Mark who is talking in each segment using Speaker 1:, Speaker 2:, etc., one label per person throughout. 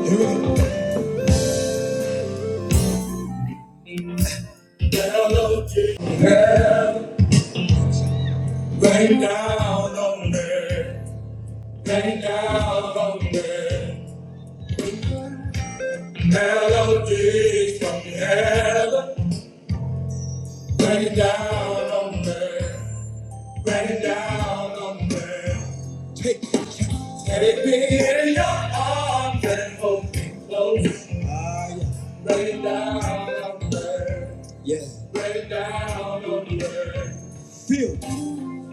Speaker 1: Down low, down, rain down on me, rain down on me. Melodies from heaven, rain down on me, rain down on me. Take, take me in your arms and hold me close. Ah, yeah. Rain down on me, yeah. Rain down on me. Feel.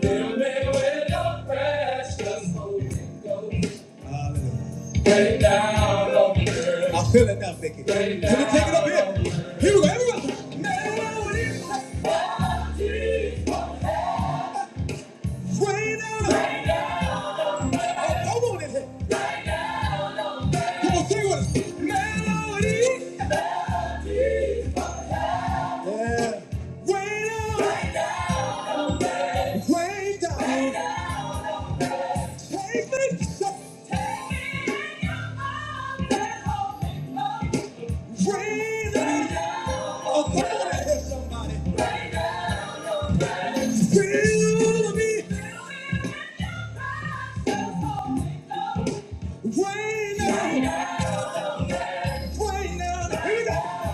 Speaker 1: Fill me with your precious Holy Ghost. Rain down on me, girl. I feel it now, Vicky. Rain Can we take it up here? Here we go, everyone. Melody, rain down. Rain down. Oh, come on in here. Come on, sing with us. Melody. Yeah. Rain down. Rain down. Rain down. Take me. Take me in your arms and hold me close. Rain down. Oh, can I me, rain down, rain down. Here we go.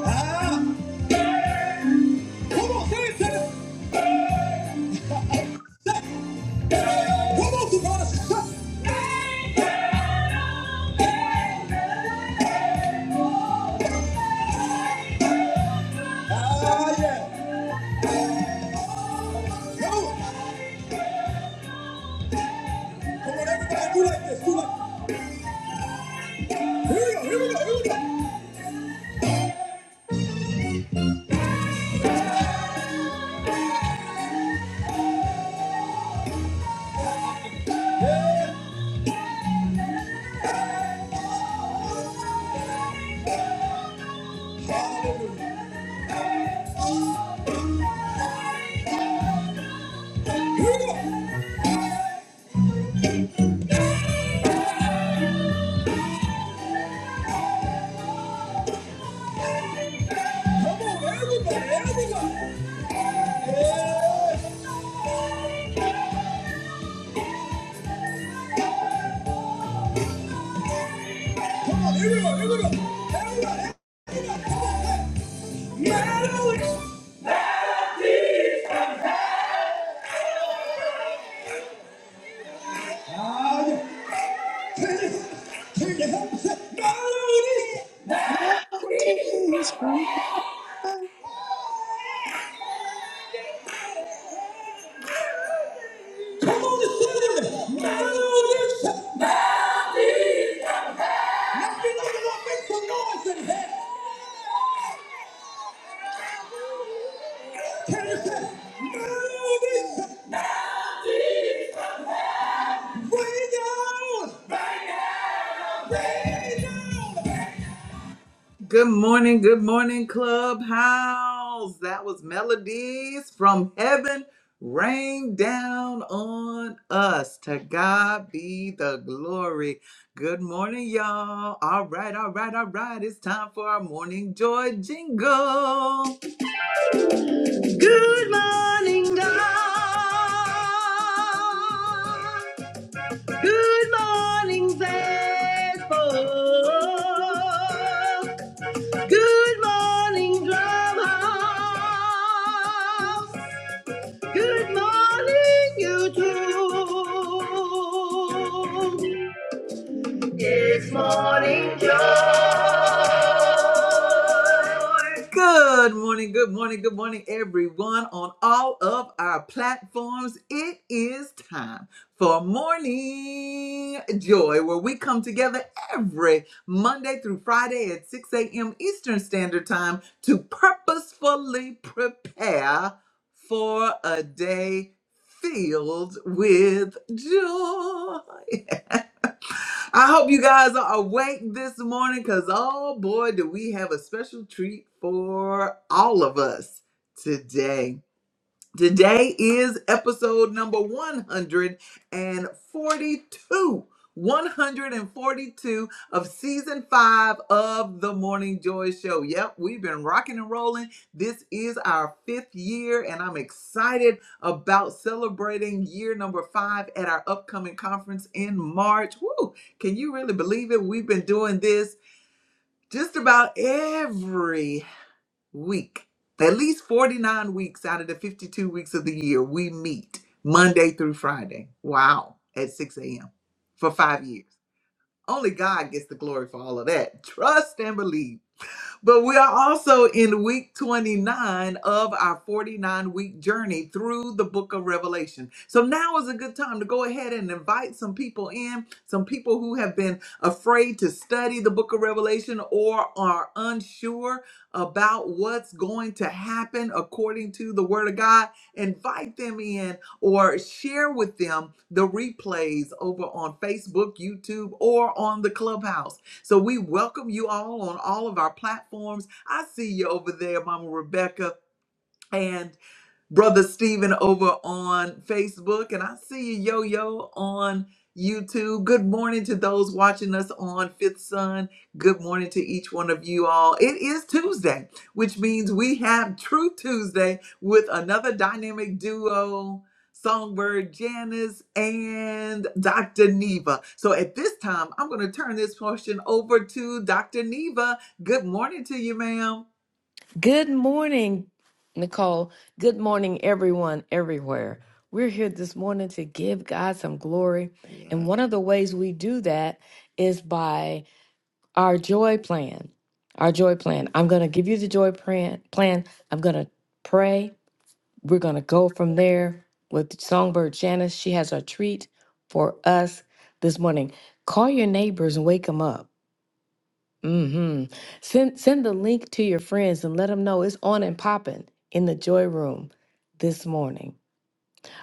Speaker 1: Ah, come on, say it, say it. Come on, Savannah. Ah, yeah. Come on, everybody, do like do like. Here we go, here we go, here we go. Yeah, Here we go. Come on, everybody, everybody. Yeah. Come on, here we go, here we go. Here we go, here we go. Come on, hey. Mellow Ah, yeah. Can you, can you help me say, mellow
Speaker 2: Melodies from heaven.
Speaker 1: Come on and sing it. Mellow Now we know you're gonna make some noise in here. Can you say, mellow it is? Rain down, rain down. Good morning, good morning, Clubhouse. That was Melodies from Heaven rain down on us. To God be the glory. Good morning, y'all. All right, all right, all right. It's time for our morning joy jingle. Good morning, God. Good, good morning, Clubhouse. Good morning, YouTube. Good morning, good morning, good morning, everyone on all of our platforms. It is time for Morning Joy, where we come together every Monday through Friday at 6 a.m. Eastern Standard Time to purposefully prepare for a day filled with joy. I hope you guys are awake this morning because, oh boy, do we have a special treat for all of us today. Today is episode number 142. 142 of season five of the Morning Joy Show. Yep, we've been rocking and rolling. This is our fifth year, and I'm excited about celebrating year number five at our upcoming conference in March. Woo! Can you really believe it? We've been doing this just about every week, at least 49 weeks out of the 52 weeks of the year, we meet Monday through Friday. Wow, at 6 a.m. for five years. Only God gets the glory for all of that. Trust and believe. But we are also in week 29 of our 49 week journey through the book of Revelation. So now is a good time to go ahead and invite some people in, some people who have been afraid to study the book of Revelation or are unsure about what's going to happen according to the word of God. Invite them in or share with them the replays over on Facebook, YouTube, or on the clubhouse so we welcome you all on all of our platforms. I see you over there, Mama Rebecca. and. Brother Stephen over on Facebook, and I see you, Yo Yo, on YouTube. Good morning to those watching us on Fifth Sun. Good morning to each one of you all. It is Tuesday, which means we have True Tuesday with another dynamic duo. Songbird Janice and Dr. Neva. So at this time, I'm going to turn this portion over to Dr. Neva. Good morning to you, ma'am.
Speaker 3: Good morning, Nicole. Good morning, everyone, everywhere. We're here this morning to give God some glory. And one of the ways we do that is by our joy plan. Our joy plan. I'm going to give you the joy plan. plan. I'm going to pray. We're going to go from there with Songbird Janice. She has a treat for us this morning. Call your neighbors and wake them up hmm Send send the link to your friends and let them know it's on and popping in the joy room this morning.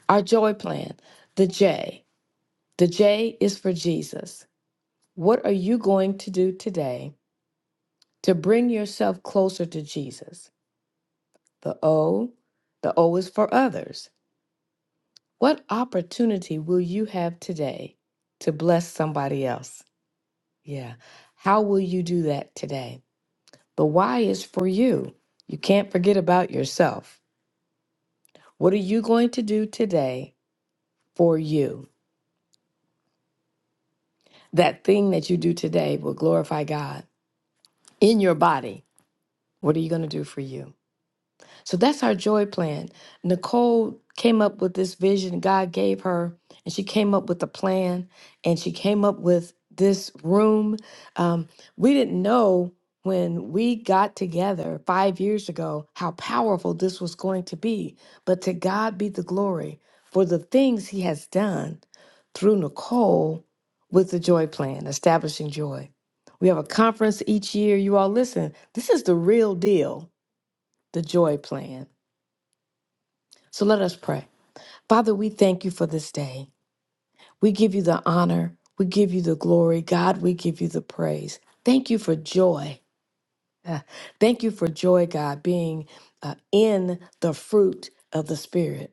Speaker 3: Our joy plan, the J. The J is for Jesus. What are you going to do today to bring yourself closer to Jesus? The O, the O is for others. What opportunity will you have today to bless somebody else? Yeah. How will you do that today? The Y is for you. You can't forget about yourself. What are you going to do today for you? That thing that you do today will glorify God in your body. What are you going to do for you? So that's our joy plan. Nicole came up with this vision God gave her, and she came up with a plan, and she came up with this room. Um, we didn't know when we got together five years ago how powerful this was going to be, but to God be the glory for the things He has done through Nicole with the joy plan, establishing joy. We have a conference each year. You all listen, this is the real deal, the joy plan. So let us pray. Father, we thank you for this day. We give you the honor. We give you the glory. God, we give you the praise. Thank you for joy. Ah, Thank you for joy, God, being uh, in the fruit of the Spirit.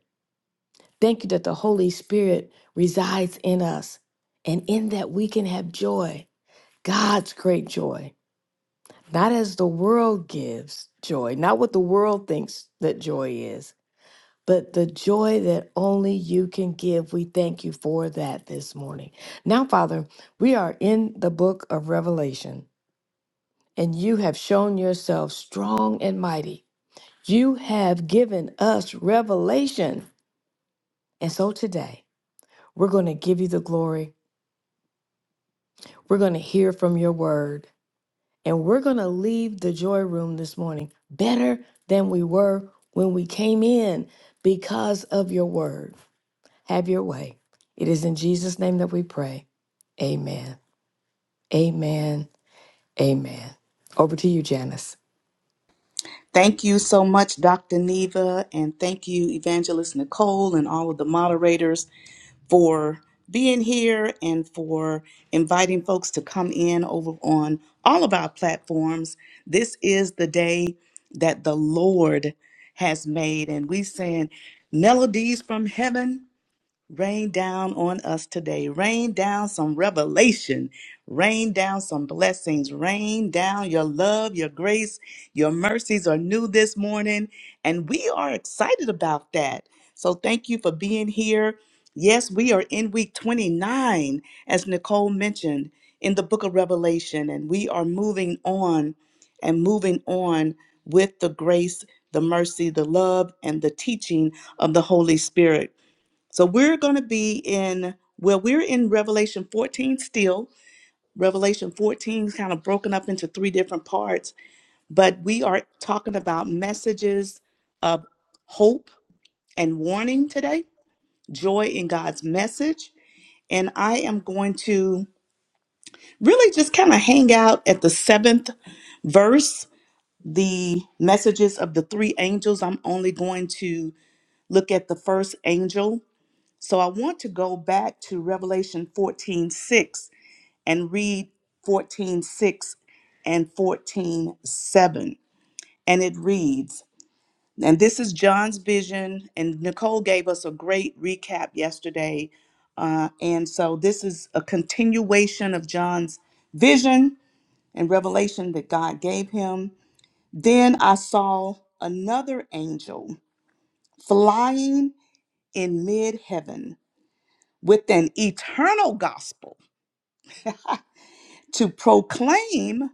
Speaker 3: Thank you that the Holy Spirit resides in us and in that we can have joy, God's great joy, not as the world gives joy, not what the world thinks that joy is, But the joy that only you can give, we thank you for that this morning. Now, Father, we are in the book of Revelation, and you have shown yourself strong and mighty. You have given us revelation. And so today, we're going to give you the glory. We're going to hear from your word, and we're going to leave the joy room this morning better than we were when we came in because of your word. Have your way. It is in Jesus' name that we pray. Amen. Amen. Amen. Over to you, Janice.
Speaker 2: Thank you so much, Dr. Neva, and thank you, Evangelist Nicole, and all of the moderators for being here and for inviting folks to come in over on all of our platforms. This is the day that the Lord has made, and we saying melodies from heaven. Rain down on us today. Rain down some revelation. Rain down some blessings. Rain down your love, your grace, your mercies are new this morning. And we are excited about that. So thank you for being here. Yes, we are in week 29, as Nicole mentioned, in the book of Revelation. And we are moving on and moving on with the grace, the mercy, the love, and the teaching of the Holy Spirit. So we're going to be in, well, we're in Revelation 14 still. Revelation 14 is kind of broken up into three different parts, but we are talking about messages of hope and warning today, joy in God's message. And I am going to really just kind of hang out at the seventh verse, the messages of the three angels. I'm only going to look at the first angel So I want to go back to Revelation 14 6 and read 14 6 and 14 7, And it reads, and this is John's vision, and Nicole gave us a great recap yesterday. Uh, and so this is a continuation of John's vision and revelation that God gave him. Then I saw another angel flying in mid heaven with an eternal gospel to proclaim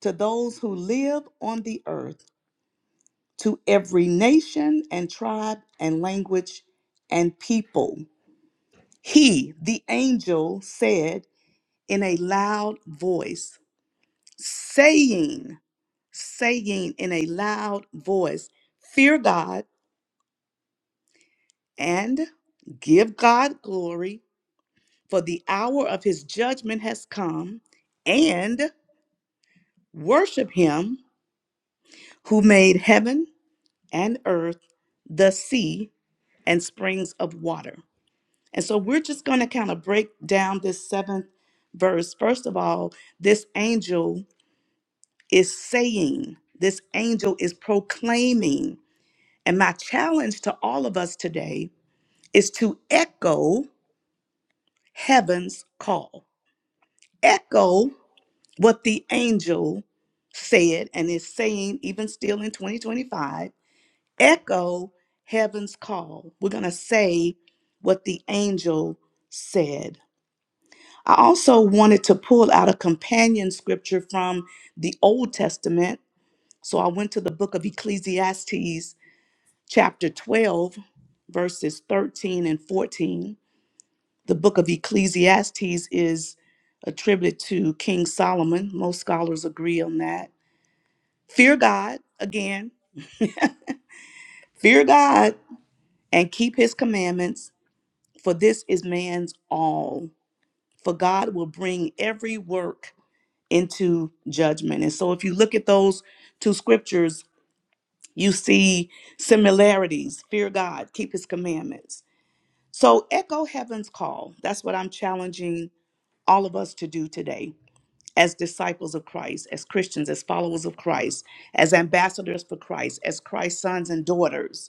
Speaker 2: to those who live on the earth, to every nation and tribe and language and people. He, the angel, said in a loud voice, saying, saying in a loud voice, Fear God and give God glory, for the hour of his judgment has come, and worship him who made heaven and earth, the sea, and springs of water. And so we're just going to kind of break down this seventh verse. First of all, this angel is saying, this angel is proclaiming. And my challenge to all of us today is to echo heaven's call, echo what the angel said and is saying, even still in 2025 echo heaven's call. We're going to say what the angel said. I also wanted to pull out a companion scripture from the Old Testament. So I went to the book of Ecclesiastes, chapter 12, verses 13 and 14. The book of Ecclesiastes is attributed to King Solomon. Most scholars agree on that. Fear God, again, fear God and keep his commandments for this is man's all. For God will bring every work into judgment. And so, if you look at those two scriptures, you see similarities fear God, keep his commandments. So, echo heaven's call. That's what I'm challenging all of us to do today as disciples of Christ, as Christians, as followers of Christ, as ambassadors for Christ, as Christ's sons and daughters.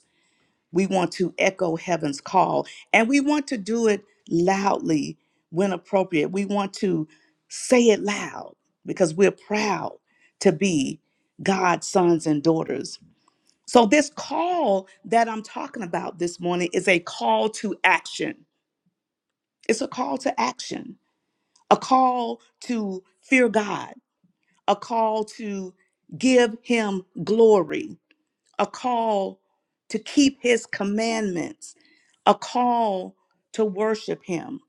Speaker 2: We want to echo heaven's call and we want to do it loudly when appropriate. We want to say it loud because we're proud to be God's sons and daughters. So, this call that I'm talking about this morning is a call to action. It's a call to action, a call to fear God, a call to give Him glory a call to keep his commandments, a call to worship him.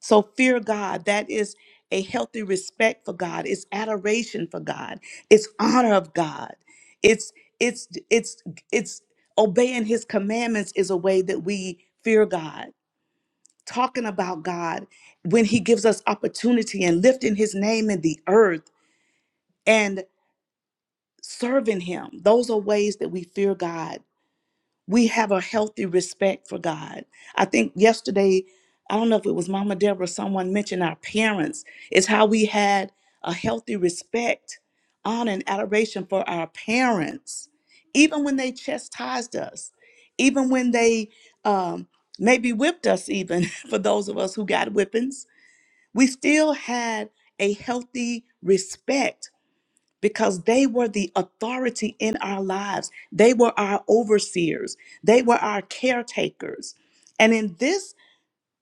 Speaker 2: So fear God, that is a healthy respect for God, it's adoration for God, it's honor of God. It's it's it's it's obeying his commandments is a way that we fear God. Talking about God when he gives us opportunity and lifting his name in the earth and serving him. Those are ways that we fear God we have a healthy respect for God. I think yesterday, I don't know if it was Mama Deborah, someone mentioned our parents. It's how we had a healthy respect, honor, and adoration for our parents, even when they chastised us, even when they um, maybe whipped us, even for those of us who got whippings. We still had a healthy respect because they were the authority in our lives. They were our overseers. They were our caretakers. And in this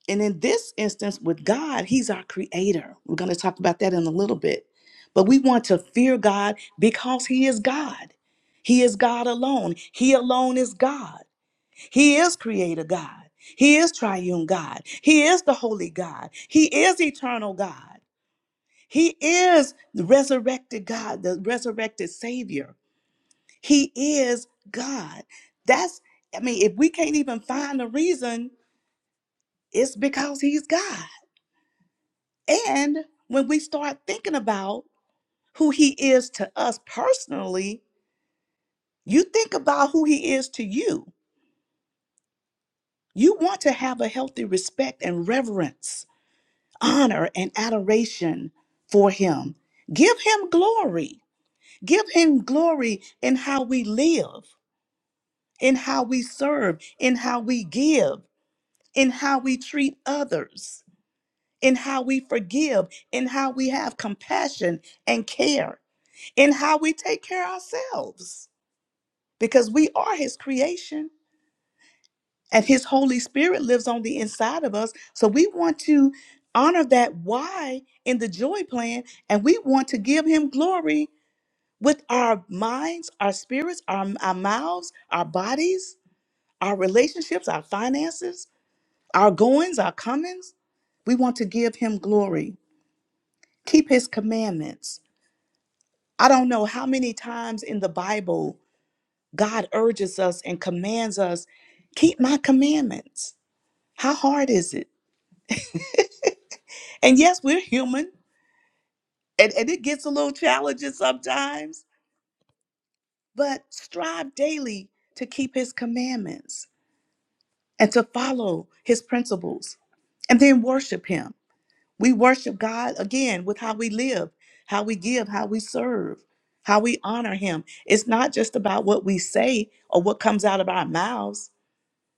Speaker 2: and in this instance with God, he's our creator. We're going to talk about that in a little bit. But we want to fear God because he is God. He is God alone. He alone is God. He is creator God. He is triune God. He is the holy God. He is eternal God. He is the resurrected God, the resurrected Savior. He is God. That's, I mean, if we can't even find a reason, it's because He's God. And when we start thinking about who He is to us personally, you think about who He is to you. You want to have a healthy respect and reverence, honor, and adoration for Him. Give Him glory. Give Him glory in how we live in how we serve, in how we give, in how we treat others, in how we forgive, in how we have compassion and care, in how we take care of ourselves, because we are His creation and His Holy Spirit lives on the inside of us. So we want to honor that why in the joy plan, and we want to give Him glory with our minds, our spirits, our, our mouths, our bodies, our relationships, our finances our goings, our comings. We want to give him glory, keep his commandments. I don't know how many times in the Bible God urges us and commands us, keep my commandments. How hard is it? And yes, we're human and, and it gets a little challenging sometimes, but strive daily to keep his commandments and to follow his principles and then worship him. We worship God again with how we live, how we give, how we serve, how we honor Him. It's not just about what we say or what comes out of our mouths.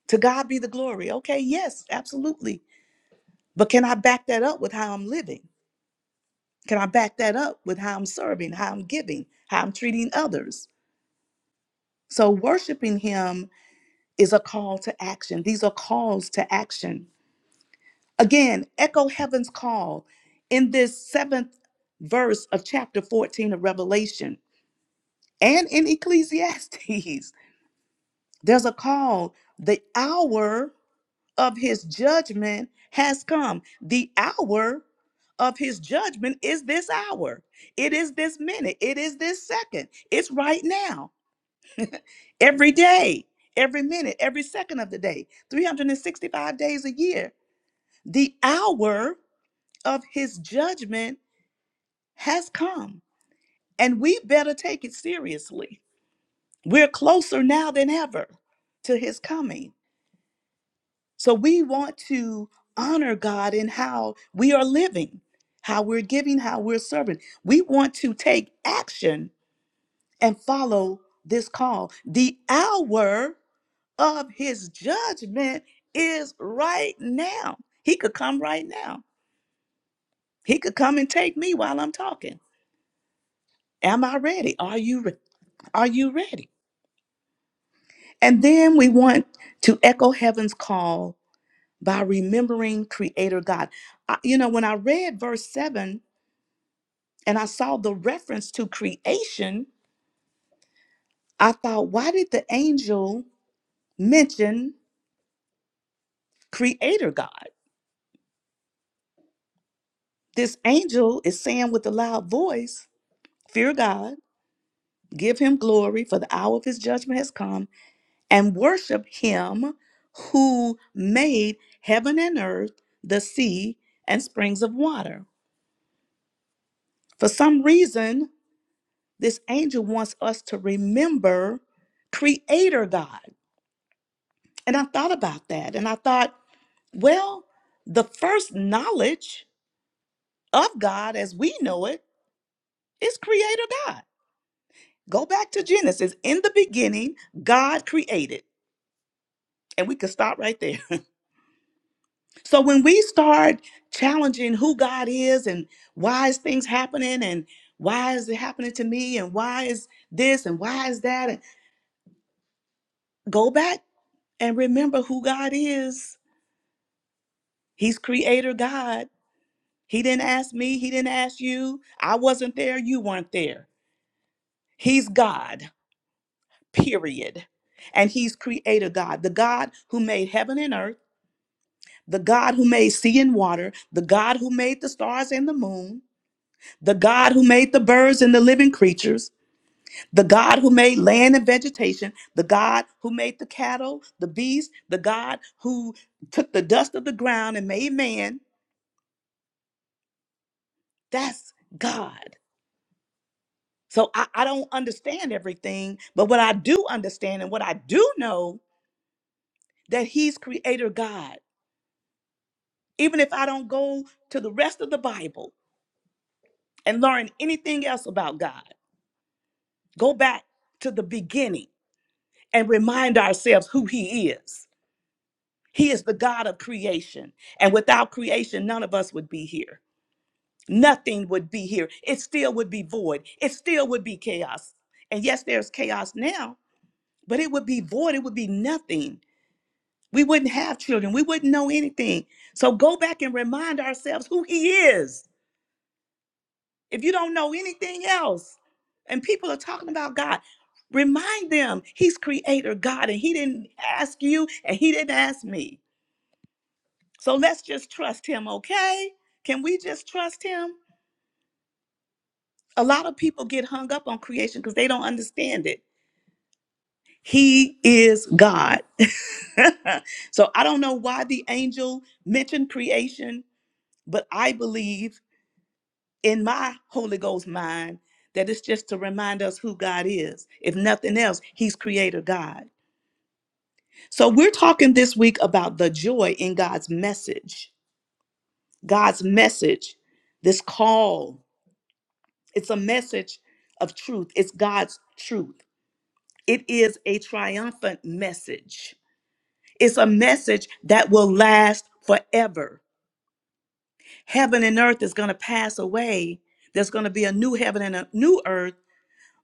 Speaker 2: To God be the glory. Okay, yes, absolutely. But can I back that up with how I'm living? Can I back that up with how I'm serving, how I'm giving, how I'm treating others? So, worshiping Him is a call to action. These are calls to action. Again, echo heaven's call in this seventh verse of chapter 14 of Revelation and in Ecclesiastes. There's a call. The hour of his judgment has come. The hour of his judgment is this hour. It is this minute. It is this second. It's right now. Every day, every minute, every second of the day, 365 days a year. The hour of his judgment has come, and we better take it seriously. We're closer now than ever to his coming. So we want to honor God in how we are living, how we're giving, how we're serving. We want to take action and follow this call. The hour of his judgment is right now. He could come right now. He could come and take me while I'm talking. Am I ready? Are you re- are you ready? And then we want to echo heaven's call by remembering Creator God. I- you know, when I read verse 7 and I saw the reference to creation, I thought, why did the angel mention Creator God? This angel is saying with a loud voice, Fear God, give him glory, for the hour of his judgment has come, and worship him who made heaven and earth, the sea, and springs of water. For some reason, this angel wants us to remember Creator God. And I thought about that and I thought, well, the first knowledge of God as we know it is Creator God. Go back to Genesis. In the beginning, God created. And we could stop right there. So when we start challenging who God is and why is things happening and why is it happening to me and why is this and why is that and go back And remember who God is. He's creator God. He didn't ask me, He didn't ask you. I wasn't there, you weren't there. He's God, period. And He's creator God, the God who made heaven and earth, the God who made sea and water, the God who made the stars and the moon, the God who made the birds and the living creatures, the God who made land and vegetation, the God who made the cattle, the beasts, the God who took the dust of the ground and made man, That's God. So I, I don't understand everything, but what I do understand and what I do know that He's Creator God. Even if I don't go to the rest of the Bible and learn anything else about God, go back to the beginning and remind ourselves who He is. He is the God of creation. And without creation, none of us would be here. Nothing would be here. It still would be void. It still would be chaos. And yes, there's chaos now, but it would be void. It would be nothing. We wouldn't have children. We wouldn't know anything. So go back and remind ourselves who He is. If you don't know anything else, and people are talking about God, remind them He's Creator God and He didn't ask you and He didn't ask me. So let's just trust Him, okay? Can we just trust Him? A lot of people get hung up on creation because they don't understand it. He is God. so I don't know why the angel mentioned creation, but I believe in my Holy Ghost mind that it's just to remind us who God is. If nothing else, He's Creator God. So we're talking this week about the joy in God's message. God's message, this call, it's a message of truth, it's God's truth. It is a triumphant message. It's a message that will last forever. Heaven and earth is going to pass away. There's going to be a new heaven and a new earth.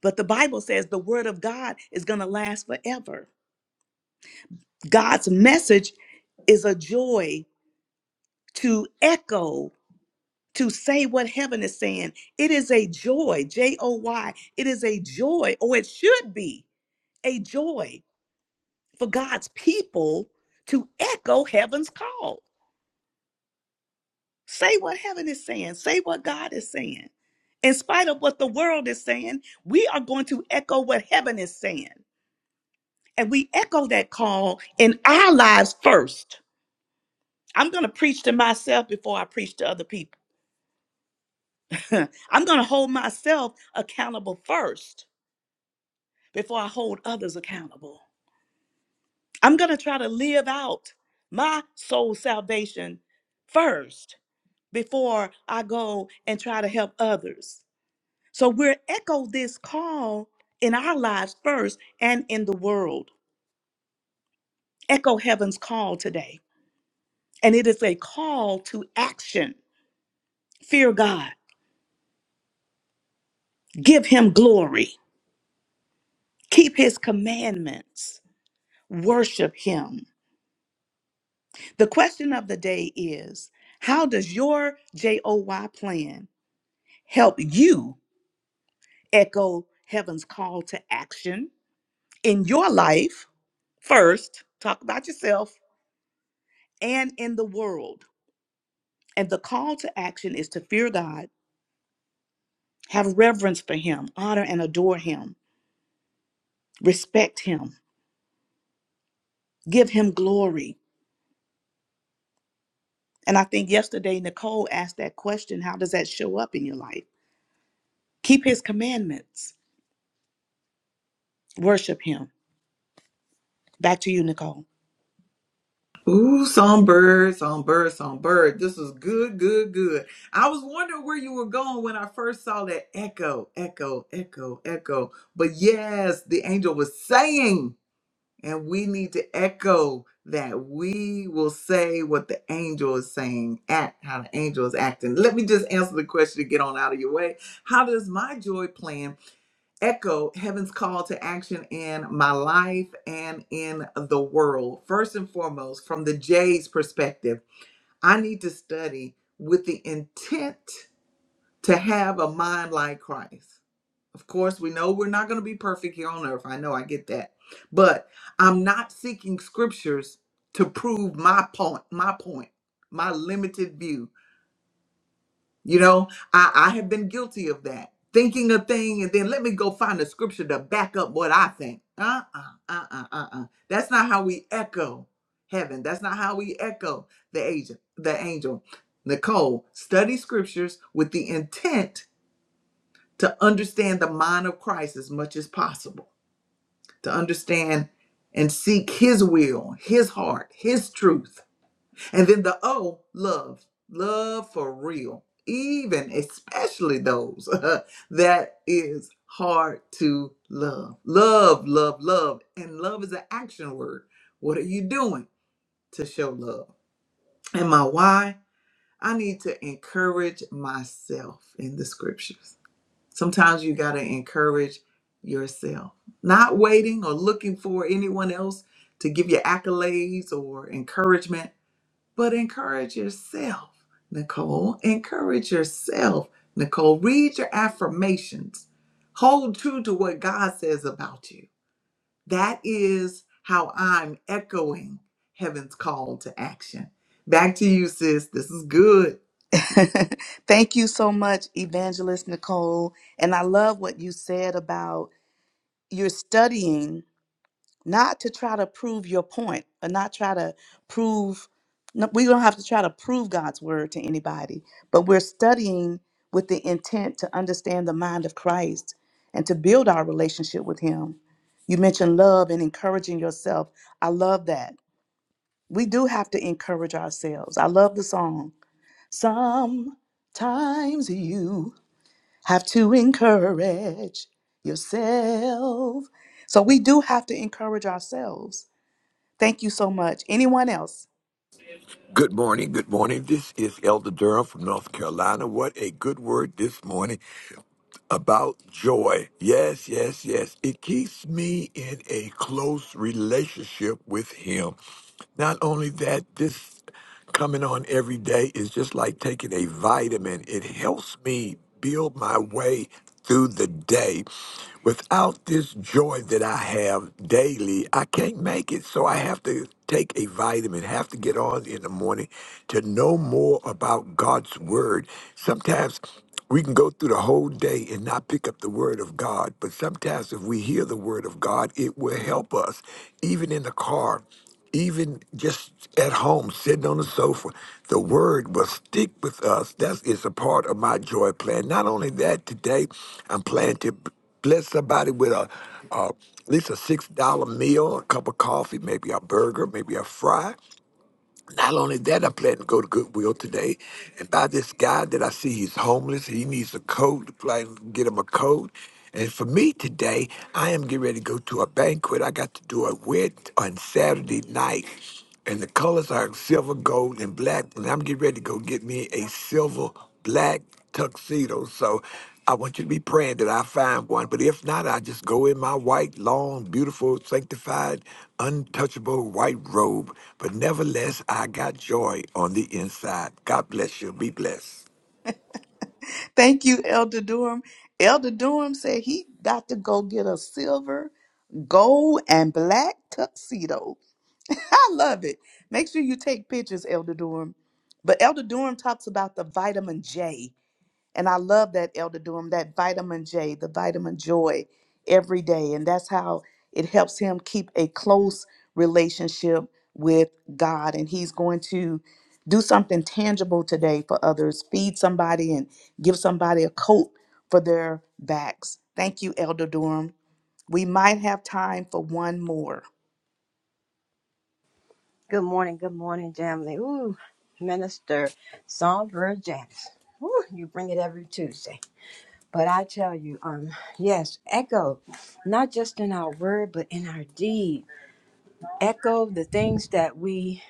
Speaker 2: But the Bible says the word of God is going to last forever. God's message is a joy to echo, to say what heaven is saying. It is a joy, J O Y. It is a joy, or it should be a joy for God's people to echo heaven's call. Say what heaven is saying. Say what God is saying. In spite of what the world is saying, we are going to echo what heaven is saying. And we echo that call in our lives first. I'm going to preach to myself before I preach to other people. I'm going to hold myself accountable first before I hold others accountable. I'm going to try to live out my soul salvation first before I go and try to help others. So we're echo this call in our lives first and in the world. Echo heaven's call today. And it is a call to action. Fear God, give him glory, keep his commandments, worship him. The question of the day is how does your JOY plan help you echo heaven's call to action in your life first? Talk about yourself and in the world. And the call to action is to fear God, have reverence for Him, honor and adore Him, respect Him, give Him glory. And I think yesterday Nicole asked that question how does that show up in your life? Keep His commandments, worship Him. Back to you, Nicole.
Speaker 1: Ooh, songbird, songbird, songbird. This is good, good, good. I was wondering where you were going when I first saw that echo, echo, echo, echo. But yes, the angel was saying, and we need to echo that we will say what the angel is saying, act how the angel is acting. Let me just answer the question to get on out of your way. How does my joy plan? echo heaven's call to action in my life and in the world. First and foremost, from the J's perspective, I need to study with the intent to have a mind like Christ. Of course, we know we're not going to be perfect here on earth. I know I get that. But I'm not seeking scriptures to prove my point, my point, my limited view. You know, I, I have been guilty of that. Thinking a thing and then let me go find a scripture to back up what I think. Uh uh-uh, uh uh uh uh. That's not how we echo heaven. That's not how we echo the angel. The angel. Nicole, study scriptures with the intent to understand the mind of Christ as much as possible, to understand and seek his will, his heart, his truth and then the O, love. Love for real. Even especially those that is hard to love. Love, love, love. And love is an action word. What are you doing to show love? And my why? I need to encourage myself in the scriptures. Sometimes you got to encourage yourself, not waiting or looking for anyone else to give you accolades or encouragement but encourage yourself, Nicole. Encourage yourself, Nicole. Read your affirmations. Hold true to what God says about you. That is how I'm echoing heaven's call to action. Back to you, sis. This is good.
Speaker 2: Thank you so much, Evangelist Nicole. And I love what you said about you're studying not to try to prove your point or not try to prove no, we don't have to try to prove God's word to anybody, but we're studying with the intent to understand the mind of Christ and to build our relationship with him. You mentioned love and encouraging yourself. I love that. We do have to encourage ourselves. I love the song. Sometimes you have to encourage yourself. So we do have to encourage ourselves Thank you so much. Anyone else?
Speaker 4: Good morning. Good morning. This is Elder Durham from North Carolina. What a good word this morning about joy. Yes, yes, yes. It keeps me in a close relationship with Him. Not only that, this coming on every day is just like taking a vitamin. It helps me build my way through the day. Without this joy that I have daily, I can't make it. So I have to take a vitamin, have to get on in the morning to know more about God's word. Sometimes we can go through the whole day and not pick up the word of God, but sometimes if we hear the word of God, it will help us, even in the car even just at home, sitting on the sofa, the word will stick with us. That is a part of my joy plan. Not only that, today I'm planning to bless somebody with a, a at least a six dollar meal, a cup of coffee, maybe a burger, maybe a fry. Not only that, I plan to go to Goodwill today and buy this guy that I see he's homeless. He needs a coat. Plan to get him a coat. And for me today, I am getting ready to go to a banquet. I got to do a wedding on Saturday night. And the colors are silver, gold, and black. And I'm getting ready to go get me a silver black tuxedo. So I want you to be praying that I find one. But if not, I just go in my white, long, beautiful, sanctified, untouchable white robe. But nevertheless, I got joy on the inside. God bless you. Be blessed.
Speaker 2: Thank you, Elder Durham. Elder Durham said he got to go get a silver, gold, and black tuxedo. I love it. Make sure you take pictures, Elder Durham. But Elder Durham talks about the vitamin J. And I love that Elder Durham, that vitamin J, the vitamin joy every day. And that's how it helps him keep a close relationship with God. And he's going to do something tangible today for others, feed somebody and give somebody a coat for their backs. Thank you, Elder Durham. We might have time for one more.
Speaker 5: Good morning, good morning, Jamily. Ooh, Minister Songbird Janice. Ooh, you bring it every Tuesday. But I tell you, um, yes, echo, not just in our word, but in our deed. Echo the things that we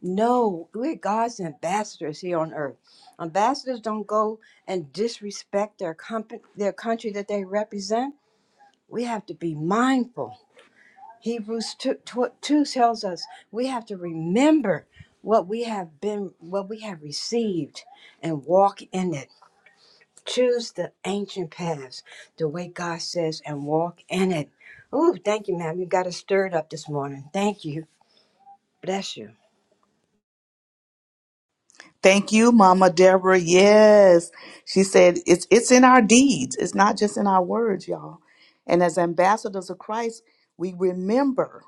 Speaker 5: know. We're God's ambassadors here on earth. Ambassadors don't go and disrespect their comp- their country that they represent. We have to be mindful Hebrews 2, 2 tells us we have to remember what we have been, what we have received, and walk in it. Choose the ancient paths, the way God says, and walk in it. Ooh, thank you, ma'am. You got us stirred up this morning. Thank you. Bless you.
Speaker 2: Thank you, Mama Deborah. Yes. She said it's it's in our deeds. It's not just in our words, y'all. And as ambassadors of Christ, we remember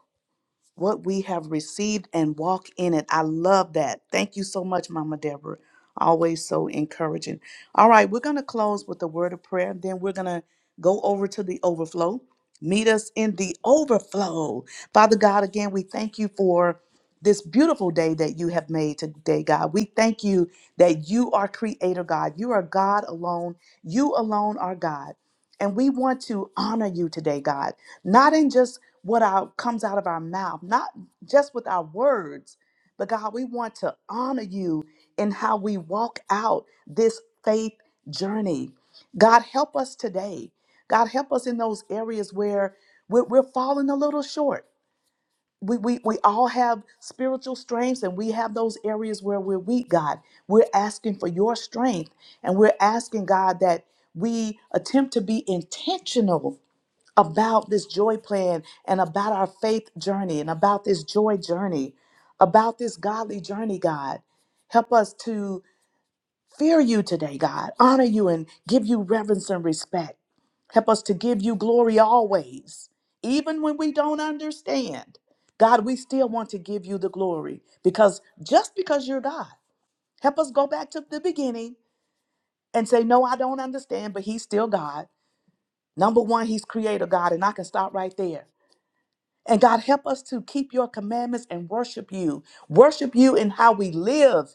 Speaker 2: what we have received and walk in it. I love that. Thank you so much, Mama Deborah. Always so encouraging. All right, we're going to close with a word of prayer. Then we're going to go over to the overflow. Meet us in the overflow. Father God, again, we thank you for this beautiful day that you have made today, God. We thank you that you are creator, God. You are God alone. You alone are God. And we want to honor you today, God, not in just what out comes out of our mouth, not just with our words, but God, we want to honor you in how we walk out this faith journey. God, help us today. God, help us in those areas where we're, we're falling a little short. We, we, we all have spiritual strengths and we have those areas where we're weak, God. We're asking for your strength and we're asking, God, that we attempt to be intentional about this joy plan and about our faith journey and about this joy journey, about this godly journey, God. Help us to fear you today, God, honor you and give you reverence and respect. Help us to give you glory always, even when we don't understand. God, we still want to give you the glory because just because you're God, help us go back to the beginning and say, No, I don't understand, but He's still God. Number one, He's creator God, and I can stop right there. And God, help us to keep your commandments and worship you. Worship you in how we live,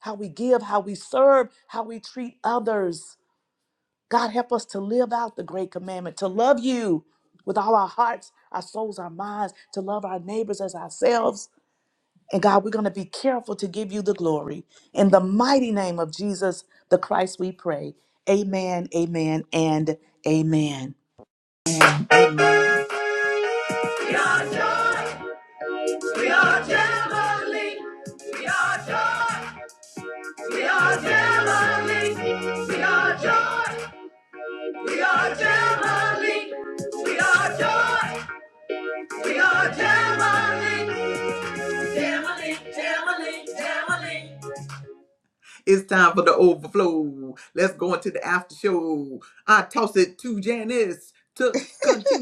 Speaker 2: how we give, how we serve, how we treat others. God, help us to live out the great commandment, to love you with all our hearts, our souls, our minds, to love our neighbors as ourselves. And God, we're going to be careful to give you the glory. In the mighty name of Jesus, the Christ, we pray. Amen, amen, and amen.
Speaker 1: We are joy. We are Jamboree. We are joy. We are Jamboree. We are joy. We are Jamboree. We are joy. We are Jamali, Jamali, Jamali, Jamali. It's time for the overflow. Let's go into the after show. I toss it to Janice to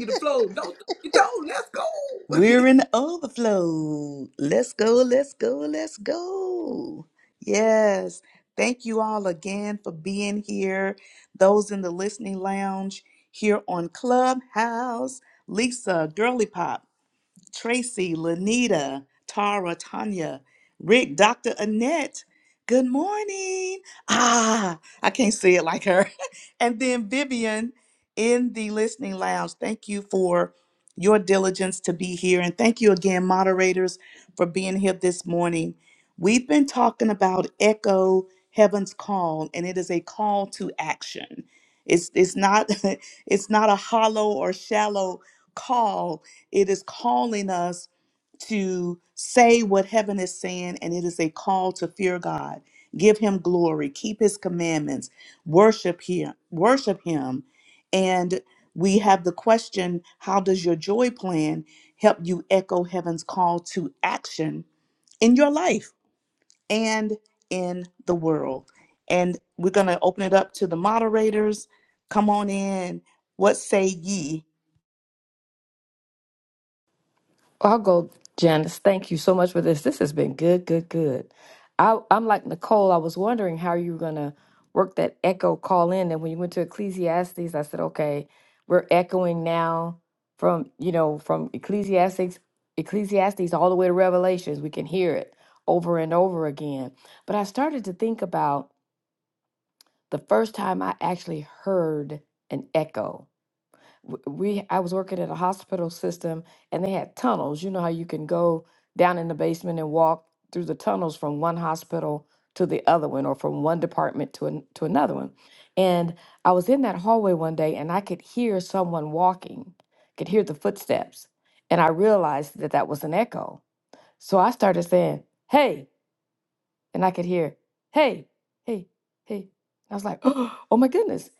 Speaker 1: the flow. Don't you don't. Let's go.
Speaker 2: We're in overflow. Let's go, let's go, let's go. Yes. Thank you all again for being here. Those in the listening lounge here on Clubhouse, Lisa, Girly Pop. Tracy, Lanita, Tara, Tanya, Rick, Dr. Annette. Good morning. Ah, I can't say it like her. and then Vivian in the listening lounge. Thank you for your diligence to be here. And thank you again, moderators, for being here this morning. We've been talking about Echo Heaven's Call, and it is a call to action. It's, it's not it's not a hollow or shallow call it is calling us to say what heaven is saying, and it is a call to fear God, give Him glory, keep His commandments, worship Him, worship Him. And we have the question: How does your joy plan help you echo heaven's call to action in your life and in the world? And we're going to open it up to the moderators. Come on in. What say ye?
Speaker 3: I'll go, Janice. Thank you so much for this. This has been good, good, good. I, I'm like Nicole. I was wondering how you were going to work that echo call in. And when you went to Ecclesiastes, I said, okay, we're echoing now from, you know, from Ecclesiastes, Ecclesiastes all the way to Revelations. We can hear it over and over again. But I started to think about the first time I actually heard an echo. w- We I was working at a hospital system and they had tunnels. You know how you can go down in the basement and walk through the tunnels from one hospital to the other one or from one department to an, to another one. And I was in that hallway one day and I could hear someone walking. Could hear the footsteps. And I realized that that was an echo. So I started saying, "Hey, and I could hear, hey, hey, hey. I was like, oh my goodness,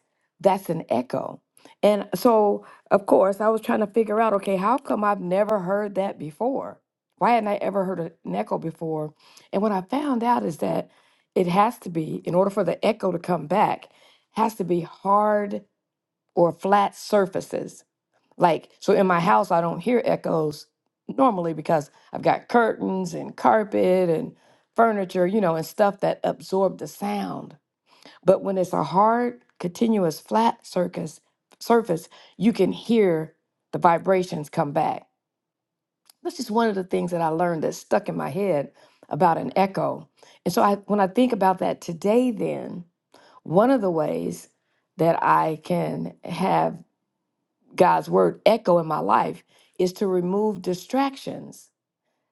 Speaker 3: that's an echo. And so, of course, I was trying to figure out, okay, how come I've never heard that before? Why hadn't I ever heard a- an echo before? And what I found out is that it has to be, in order for the echo to come back, has to be hard or flat surfaces like, so in my house, I don't hear echoes normally because I've got curtains and carpet and furniture, you know, and stuff that absorb the sound. But when it's a hard, continuous, flat circus, surface, you can hear the vibrations come back. That's just one of the things that I learned that stuck in my head about an echo. And so I, when I think about that today, then, one of the ways that I can have God's word echo in my life is to remove distractions.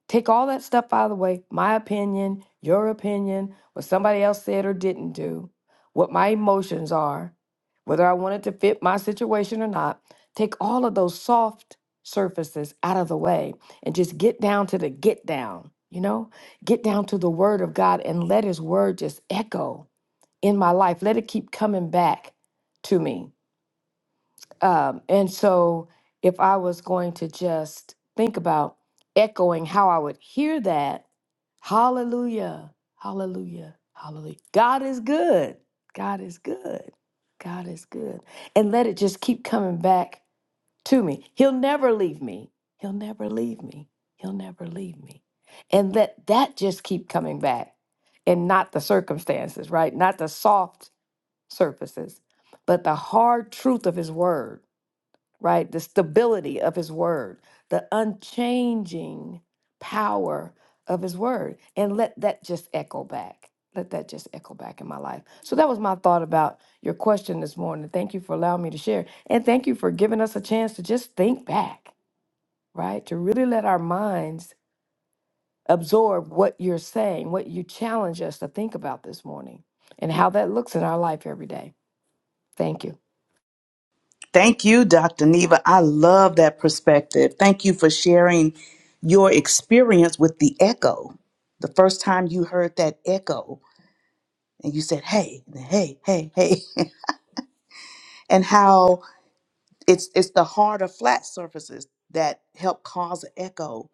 Speaker 3: Take all that stuff out of the way my opinion, your opinion, what somebody else said or didn't do, what my emotions are, whether I wanted to fit my situation or not. Take all of those soft surfaces out of the way and just get down to the get down, you know? Get down to the word of God and let his word just echo in my life. Let it keep coming back to me um, and so, if I was going to just think about echoing how I would hear that, hallelujah, hallelujah, hallelujah. God is good. God is good. God is good. And let it just keep coming back to me. He'll never leave me. He'll never leave me. He'll never leave me. And let that just keep coming back and not the circumstances, right? Not the soft surfaces, but the hard truth of His word right? The stability of his word, the unchanging power of his word. And let that just echo back. Let that just echo back in my life. So that was my thought about your question this morning. Thank you for allowing me to share. And thank you for giving us a chance to just think back, right? To really let our minds absorb what you're saying, what you challenge us to think about this morning, and how that looks in our life every day. Thank you.
Speaker 2: Thank you, Dr. Neva. I love that perspective. Thank you for sharing your experience with the echo. The first time you heard that echo and you said, hey, hey, hey, hey, and how it's it's the hard or flat surfaces that help cause an echo.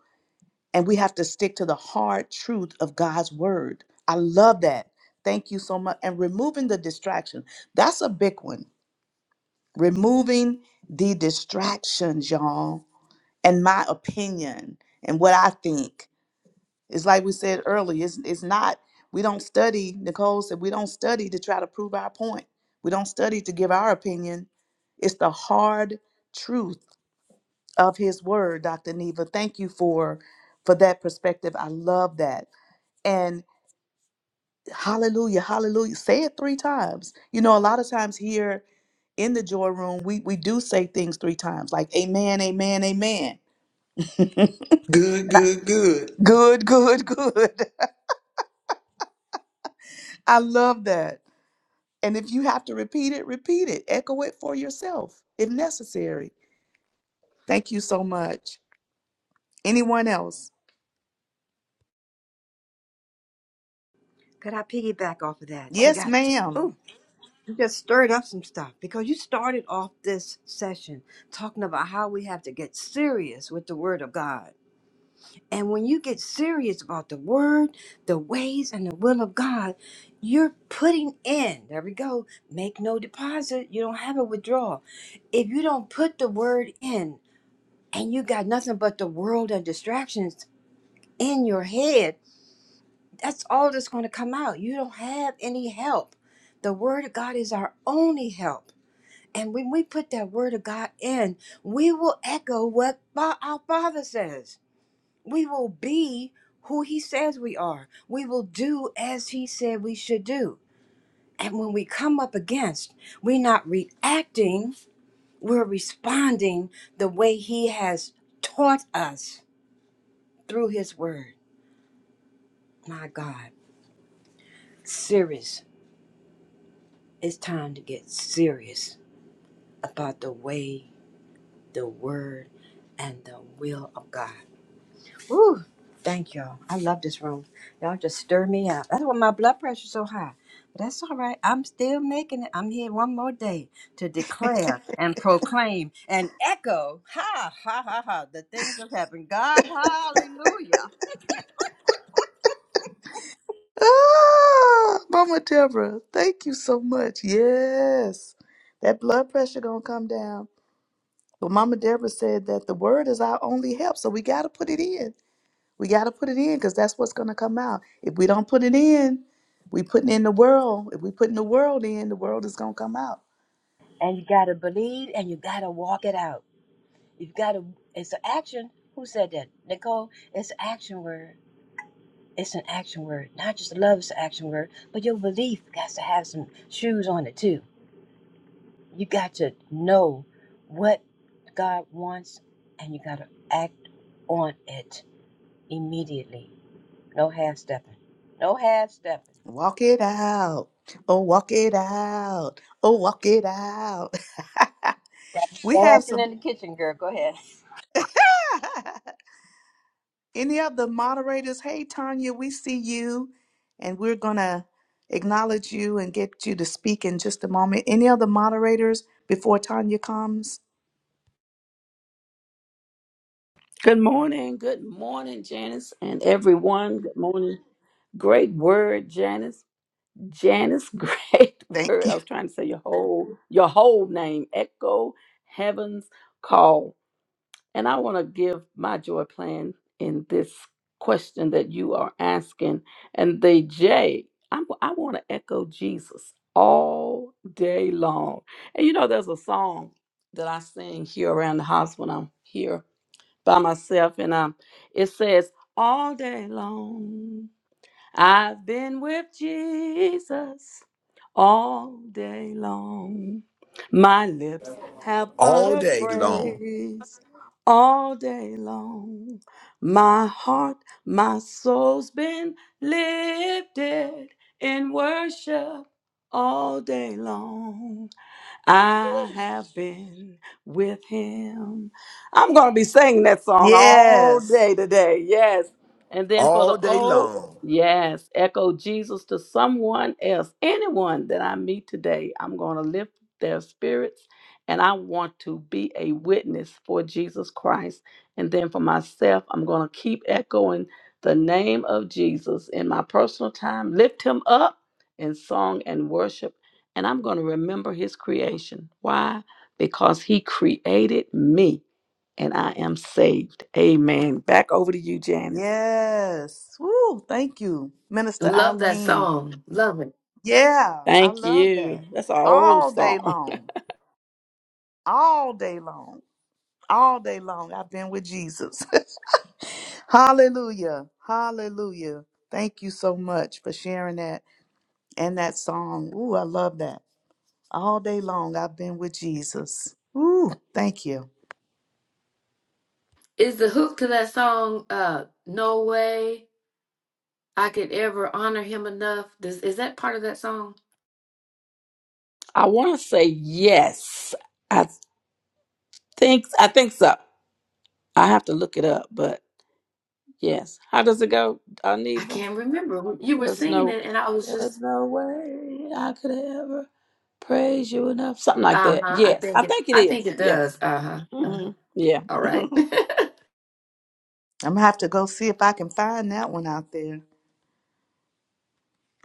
Speaker 2: And we have to stick to the hard truth of God's word. I love that. Thank you so much. And removing the distraction. That's a big one. Removing the distractions, y'all and my opinion and what I think. It's like we said earlier, it's, it's not, we don't study, Nicole said, we don't study to try to prove our point. We don't study to give our opinion. It's the hard truth of his word, Dr. Neva. Thank you for for that perspective. I love that. And hallelujah, hallelujah. Say it three times. You know, a lot of times here in the joy room, we, we do say things three times, like amen, amen, amen.
Speaker 1: Good, good, good.
Speaker 2: Good, good, good. I love that. And if you have to repeat it, repeat it. Echo it for yourself if necessary. Thank you so much. Anyone else?
Speaker 5: Could I piggyback off of that? You
Speaker 2: Yes,
Speaker 5: got,
Speaker 2: ma'am.
Speaker 5: ooh, you just stirred up some stuff because you started off this session talking about how we have to get serious with the Word of God And when you get serious about the word, the ways, and the will of God, you're putting in, there we go, make no deposit. You don't have a withdrawal. If you don't put the word in and you got nothing but the world and distractions in your head, that's all that's going to come out. You don't have any help. The word of God is our only help. And when we put that word of God in, we will echo what Fa- our Father says we will be who he says we are. We will do as he said we should do. And when we come up against, we're not reacting, we're responding the way he has taught us through his word. My God, serious. It's time to get serious about the way, the word, and the will of God. Ooh, Thank y'all. I love this room. Y'all just stir me up. That's why my blood pressure's so high. But that's all right. I'm still making it. I'm here one more day to declare and proclaim and echo. Ha ha ha ha. The things that happened. God, hallelujah.
Speaker 2: Ah, Mama Deborah, thank you so much. Yes. That blood pressure gonna come down. But Mama Deborah said that the word is our only help. So we gotta put it in. We gotta put it in because that's what's gonna come out. If we don't put it in, we putting in the world. If we putting the world in, the world is gonna come out.
Speaker 5: And you gotta believe and you gotta walk it out. You've gotta it's an action. Who said that? Nicole, it's an action word. It's an action word. Not just love is an action word, but your belief has to have some shoes on it too you got to know what God wants and you got to act on it immediately. No half stepping. No half stepping.
Speaker 2: Walk it out. Oh, walk it out. Oh, walk it out.
Speaker 5: That's
Speaker 2: we have
Speaker 5: Dancing
Speaker 2: some.
Speaker 5: in the kitchen, girl. Go ahead.
Speaker 2: Any of the moderators, hey, Tanya, we see you, and we're going to acknowledge you and get you to speak in just a moment. Any other moderators before Tanya comes?
Speaker 6: Good morning. Good morning, Janice and everyone. Good morning. Great word, Janice. Janice, great
Speaker 2: Thank
Speaker 6: word.
Speaker 2: you.
Speaker 6: I was trying to say your whole your whole name. Echo Heaven's Call. And I want to give my joy plan in this question that you are asking. And the J, I'm, I want to echo Jesus all day long. And you know, there's a song that I sing here around the house when I'm here by myself, and um, it says, All day long, I've been with Jesus all day long. My lips have
Speaker 4: All
Speaker 6: uttered
Speaker 4: day long.
Speaker 6: praise all day long. My heart, my soul's been lifted in worship all day long. I have been with him. I'm going to be singing that song all
Speaker 2: Yes.
Speaker 6: day today. Yes. And then for
Speaker 4: All
Speaker 6: the
Speaker 4: day long.
Speaker 6: old, yes, echo Jesus to someone else, anyone that I meet today. I'm going to lift their spirits and I want to be a witness for Jesus Christ. And then for myself, I'm going to keep echoing the name of Jesus in my personal time, lift him up in song and worship and I'm going to remember his creation. Why? Because he created me and I am saved. Amen. Back over to you, Janice.
Speaker 2: Yes. Woo, thank you, Minister
Speaker 3: Love that
Speaker 2: Eileen.
Speaker 3: song. Love it.
Speaker 2: Yeah, I
Speaker 6: Thank
Speaker 2: love
Speaker 6: you.
Speaker 2: that.
Speaker 6: That's an old
Speaker 2: All day
Speaker 6: song.
Speaker 2: long. All day long. all day long. I've been with Jesus. Hallelujah. Hallelujah. Thank you so much for sharing that and that song. Ooh, I love that. All day long, I've been with Jesus. Ooh, thank you.
Speaker 3: Is the hook to that song uh No Way I Could Ever Honor Him Enough? Does is that part of that song?
Speaker 6: I want to say yes. I think I think so. I have to look it up, but yes. How does it go,
Speaker 3: I
Speaker 6: Aniva?
Speaker 3: can't remember. You were
Speaker 6: There's
Speaker 3: singing
Speaker 6: no
Speaker 3: it and I was
Speaker 6: there's
Speaker 3: just
Speaker 6: no way I could ever praise you enough. Something like that.
Speaker 3: uh-huh. I
Speaker 6: Yes.
Speaker 3: think
Speaker 6: I
Speaker 3: it
Speaker 6: think it
Speaker 3: I think
Speaker 6: is.
Speaker 3: it
Speaker 6: Yes.
Speaker 3: does. Uh-huh. Uh-huh.
Speaker 6: hmm Yeah.
Speaker 3: All right.
Speaker 2: I'm gonna have to go see if I can find that one out there.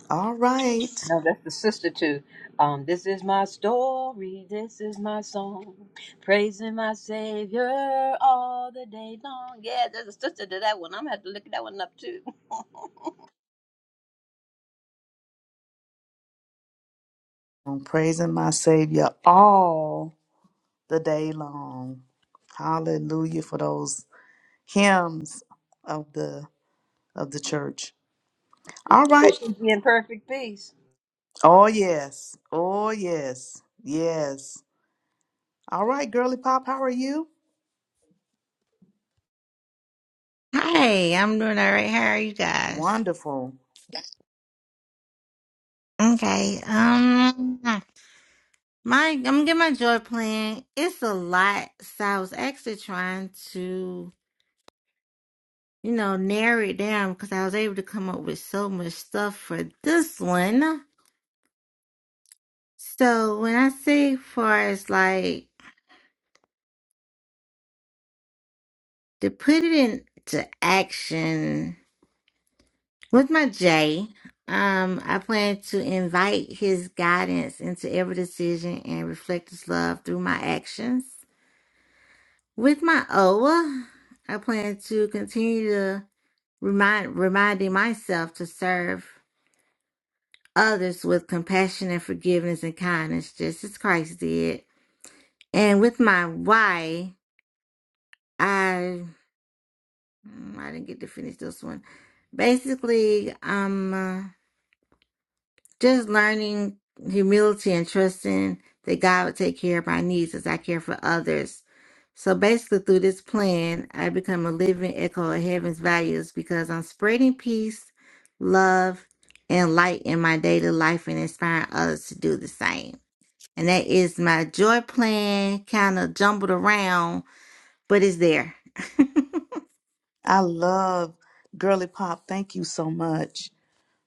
Speaker 2: All right.
Speaker 5: No, that's the sister to um, This Is My Story, This Is My Song, Praising My Savior all the day long. Yeah, there's a sister to that one. I'm going to have to look that one up too.
Speaker 2: I'm praising my Savior all the day long. Hallelujah for those hymns of the of the church. All
Speaker 5: She'll
Speaker 2: right.
Speaker 5: in perfect peace.
Speaker 2: Oh, yes. Oh, yes. Yes. All right, Girly Pop, how are you?
Speaker 7: Hi, I'm doing all right. How are you guys?
Speaker 2: Wonderful.
Speaker 7: Okay. Um, my I'm gonna get my joy plan. It's a lot, so I was actually trying to, you know, narrow it down because I was able to come up with so much stuff for this one. So when I say far as like to put it into action with my J, um, I plan to invite his guidance into every decision and reflect his love through my actions. With my OWA, plan to continue to remind reminding myself to serve others with compassion and forgiveness and kindness, just as Christ did. And with my why, I mm, I didn't get to finish this one. Basically, I'm uh, just learning humility and trusting that God will take care of my needs as I care for others So basically, through this plan, I become a living echo of heaven's values because I'm spreading peace, love, and light in my daily life and inspiring others to do the same. And that is my joy plan, kind of jumbled around, but it's there.
Speaker 2: I love Girly Pop. Thank you so much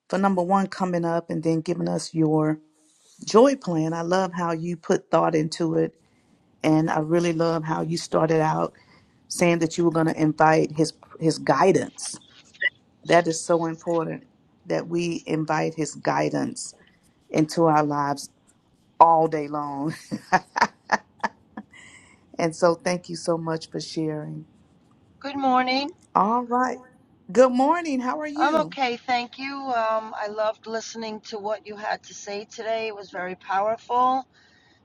Speaker 2: for number one coming up and then giving us your joy plan. I love how you put thought into it. And I really love how you started out saying that you were going to invite his his guidance. That is so important that we invite his guidance into our lives all day long. And so thank you so much for sharing.
Speaker 8: Good morning.
Speaker 2: All right. Good morning. How are
Speaker 8: I'm
Speaker 2: you?
Speaker 8: okay, thank you. Um, I loved listening to what you had to say today. It was very powerful,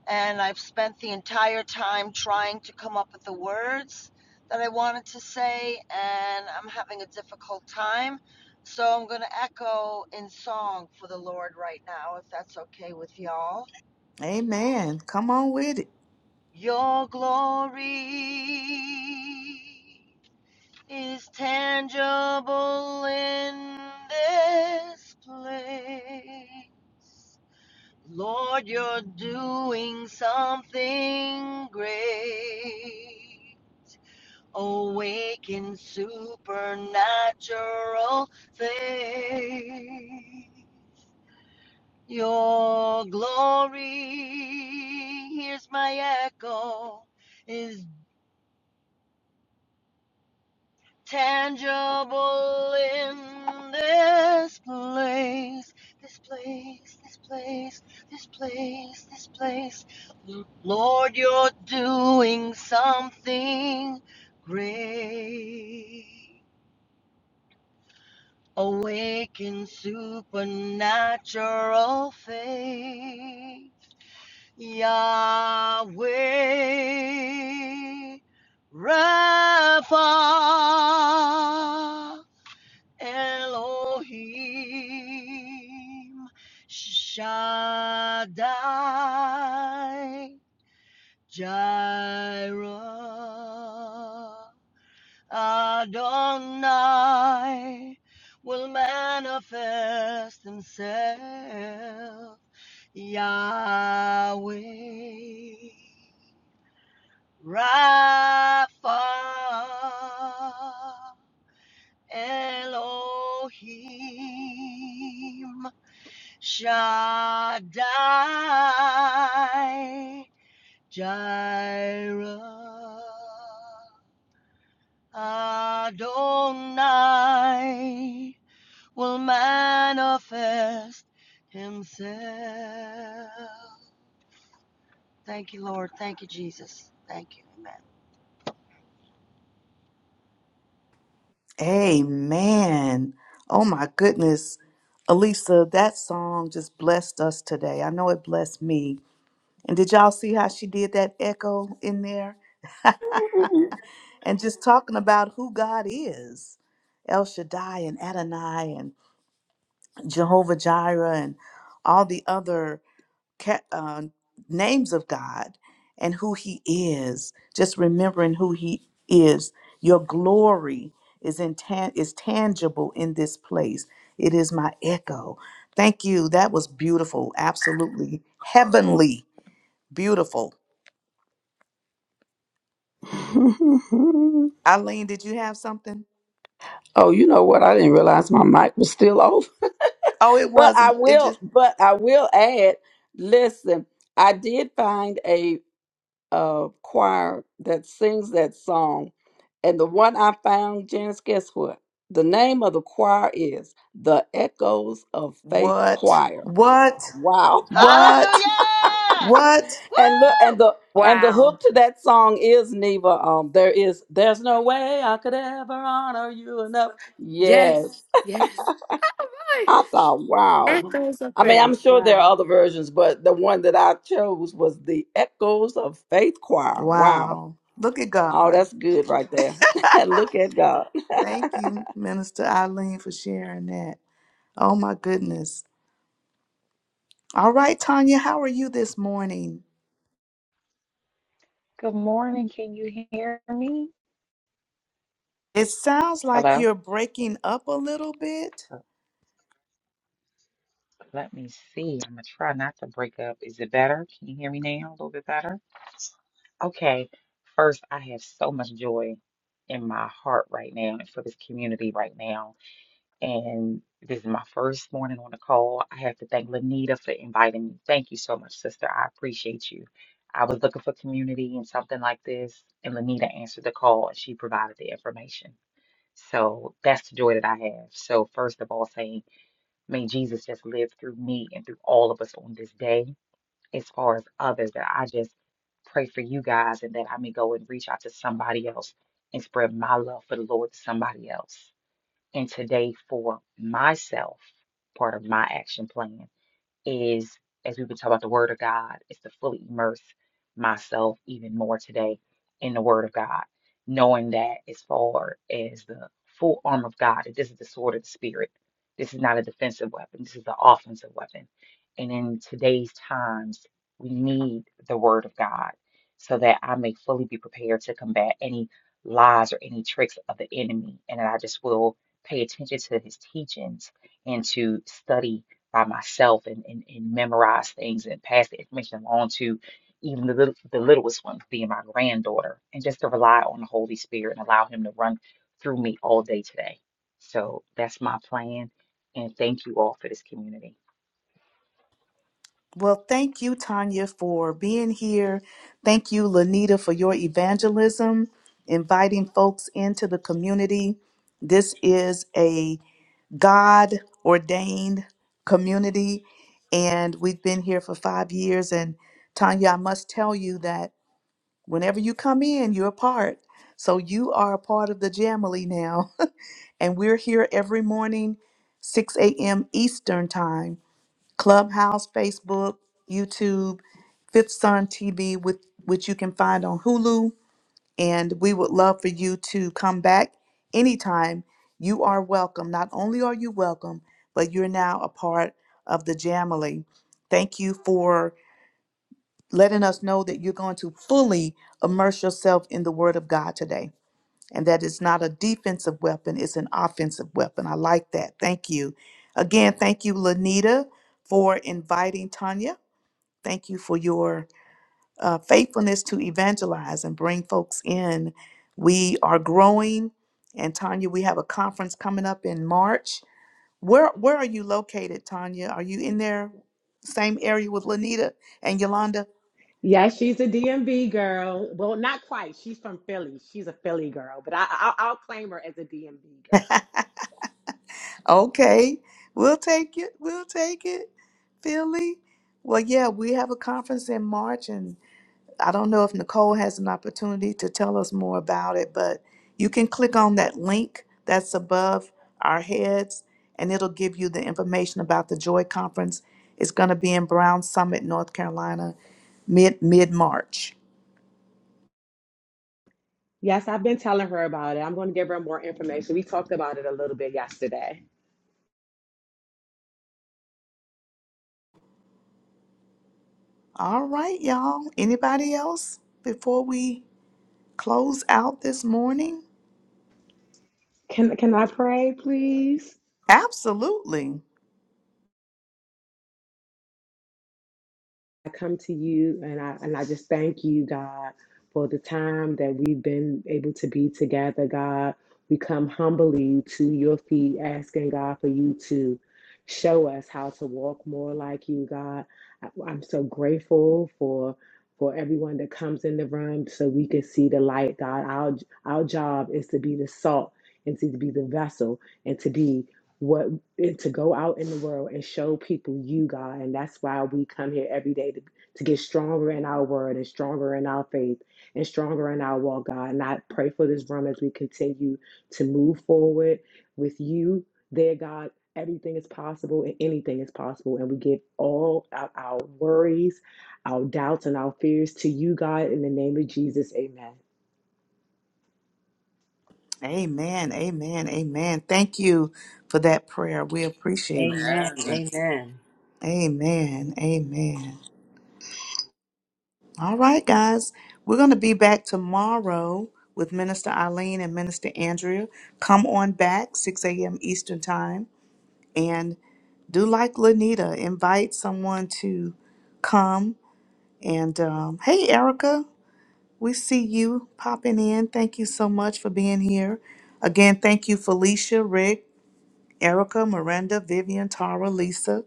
Speaker 8: and I've spent the entire time trying to come up with the words that I wanted to say, and I'm having a difficult time. So I'm going to echo in song for the Lord right now, if that's okay with y'all.
Speaker 2: Amen. Come on with it.
Speaker 8: Your glory. is tangible in this place. Lord, you're doing something great. Awaken supernatural faith. Your glory, here's my echo, is tangible in this place, this place, this place, this place, this place. Lord, you're doing something great. Awaken supernatural faith, Yahweh Rapha. Elohim Shaddai Jireh Adonai will manifest himself Yahweh Rapha Elohim Shaddai, Jireh, Adonai will manifest himself. Thank you, Lord. Thank you, Jesus. Thank you. Amen.
Speaker 2: Amen. Oh my goodness. Elisa, that song just blessed us today. I know it blessed me. And did y'all see how she did that echo in there? and just talking about who God is El Shaddai and Adonai and Jehovah Jireh and all the other ca- uh, names of God and who He is. Just remembering who He is. Your glory is in tan- is tangible in this place. It is my echo. Thank you. That was beautiful. Absolutely heavenly. Beautiful.
Speaker 6: oh,
Speaker 2: Eileen, did you have something?
Speaker 6: you know what? I didn't realize my mic was still off.
Speaker 2: Oh, it
Speaker 6: But I
Speaker 2: wasn't. It
Speaker 6: will.
Speaker 2: just
Speaker 6: But I will add. Listen, I did find a uh, choir that sings that song, and the one I found, Janice, guess what? The name of the choir is the Echoes of Faith
Speaker 2: what?
Speaker 6: Choir. I
Speaker 2: What?
Speaker 6: thought, wow.
Speaker 2: What?
Speaker 8: Hallelujah!
Speaker 2: What?
Speaker 8: Woo!
Speaker 6: And look, and the and the hook
Speaker 3: Wow.
Speaker 6: to that song is Neva. Um, there is there's no way I could ever honor you enough. Yes,
Speaker 3: Yes. Yes. All right.
Speaker 6: I thought, wow.
Speaker 3: Echoes of
Speaker 6: I mean,
Speaker 3: faith.
Speaker 6: I'm sure there are
Speaker 3: Wow.
Speaker 6: other versions, but the one that I chose was the Echoes of Faith Choir. Wow.
Speaker 2: Wow. Look at
Speaker 6: Oh,
Speaker 2: God.
Speaker 6: that's good right there. Look at God.
Speaker 2: Thank you, Minister Eileen, for sharing that. Oh my goodness. All right, Tanya, how are you this morning?
Speaker 9: Good morning. Can you hear me?
Speaker 2: It sounds like
Speaker 9: Hello.
Speaker 2: you're breaking up a little bit.
Speaker 9: So let me see. I'm gonna try not to break up. Is it better? Can you hear me now? A little bit better? Okay. First, I have so much joy in my heart right now and for this community right now. And this is my first morning on the call. I have to thank Lanita for inviting me. Thank you so much, sister. I appreciate you. I was looking for community and something like this, and Lanita answered the call and she provided the information. So that's the joy that I have. So, first of all, saying, may Jesus just live through me and through all of us on this day, as far as others, that I just pray for you guys and that I may go and reach out to somebody else and spread my love for the Lord to somebody else. And today, for myself, part of my action plan is, as we've been talking about the Word of God, is to fully immerse myself even more today in the Word of God, knowing that as far as the full arm of God, that this is the sword of the Spirit. This is not a defensive weapon, this is the offensive weapon. And in today's times, we need the Word of God so that I may fully be prepared to combat any lies or any tricks of the enemy, and that I just will pay attention to his teachings and to study by myself and, and, and memorize things and pass the information along to even the, little, the littlest one, being my granddaughter, and just to rely on the Holy Spirit and allow Him to run through me all day today. So that's my plan. And thank you all for this community.
Speaker 2: Well, thank you, Tanya, for being here. Thank you, Lanita, for your evangelism, inviting folks into the community. This is a God ordained community. And we've been here for five years. And Tanya, I must tell you that whenever you come in, you're a part. So you are a part of the Jamily now. And we're here every morning, 6 a.m. Eastern Time, Clubhouse, Facebook, YouTube, Fifth Sun TV, with, which you can find on Hulu and we would love for you to come back anytime. You are welcome. Not only are you welcome, but you're now a part of the Jamily. Thank you for letting us know that you're going to fully immerse yourself in the Word of God today. And that it's not a defensive weapon, it's an offensive weapon. I like that. Thank you. Again, thank you, Lanita, for inviting Tanya. Thank you for your uh, faithfulness to evangelize and bring folks in. We are growing, and Tanya, we have a conference coming up in March. Where where are you located, Tanya? Are you in there, same area with Lanita and Yolanda?
Speaker 10: Yeah, she's a DMV girl. Well, not quite. She's from Philly. She's a Philly girl, but I, i I'll claim her as a DMV girl.
Speaker 2: Okay, we'll take it. We'll take it, Philly. Well, yeah, we have a conference in March, and I don't know if Nicole has an opportunity to tell us more about it, but you can click on that link that's above our heads and it'll give you the information about the Joy Conference. It's going to be in Brown Summit, North Carolina, mid mid March.
Speaker 10: Yes, I've been telling her about it. I'm going to give her more information. We talked about it a little bit yesterday.
Speaker 2: All right, y'all. Anybody else before we close out this morning?
Speaker 10: Can can I pray, please?
Speaker 2: Absolutely.
Speaker 10: I come to you and I and I just thank you, God, for the time that we've been able to be together, God. We come humbly to your feet, asking God for you to show us how to walk more like you, God. I, I'm so grateful for for everyone that comes in the room so we can see the light, God. Our our job is to be the salt and to be the vessel and to be what it- to go out in the world and show people you God, and that's why we come here every day to, to get stronger in our word and stronger in our faith and stronger in our walk, God. And I pray for this room as we continue to move forward with you, there, God. Everything is possible and anything is possible. And we give all our, our worries, our doubts, and our fears to you, God, in the name of Jesus. Amen.
Speaker 2: Amen. Amen. Amen. Thank you for that prayer. We appreciate that.
Speaker 5: Amen.
Speaker 11: Amen.
Speaker 5: Amen.
Speaker 2: Amen. Amen. All right, guys. We're going to be back tomorrow with Minister Eileen and Minister Andrea. Come on back, 6 a.m. Eastern Time. And do like Lanita, invite someone to come. And um, hey, Erica, we see you popping in. Thank you so much for being here. Again, thank you, Felicia, Rick, Erica, Miranda, Vivian, Tara, Lisa,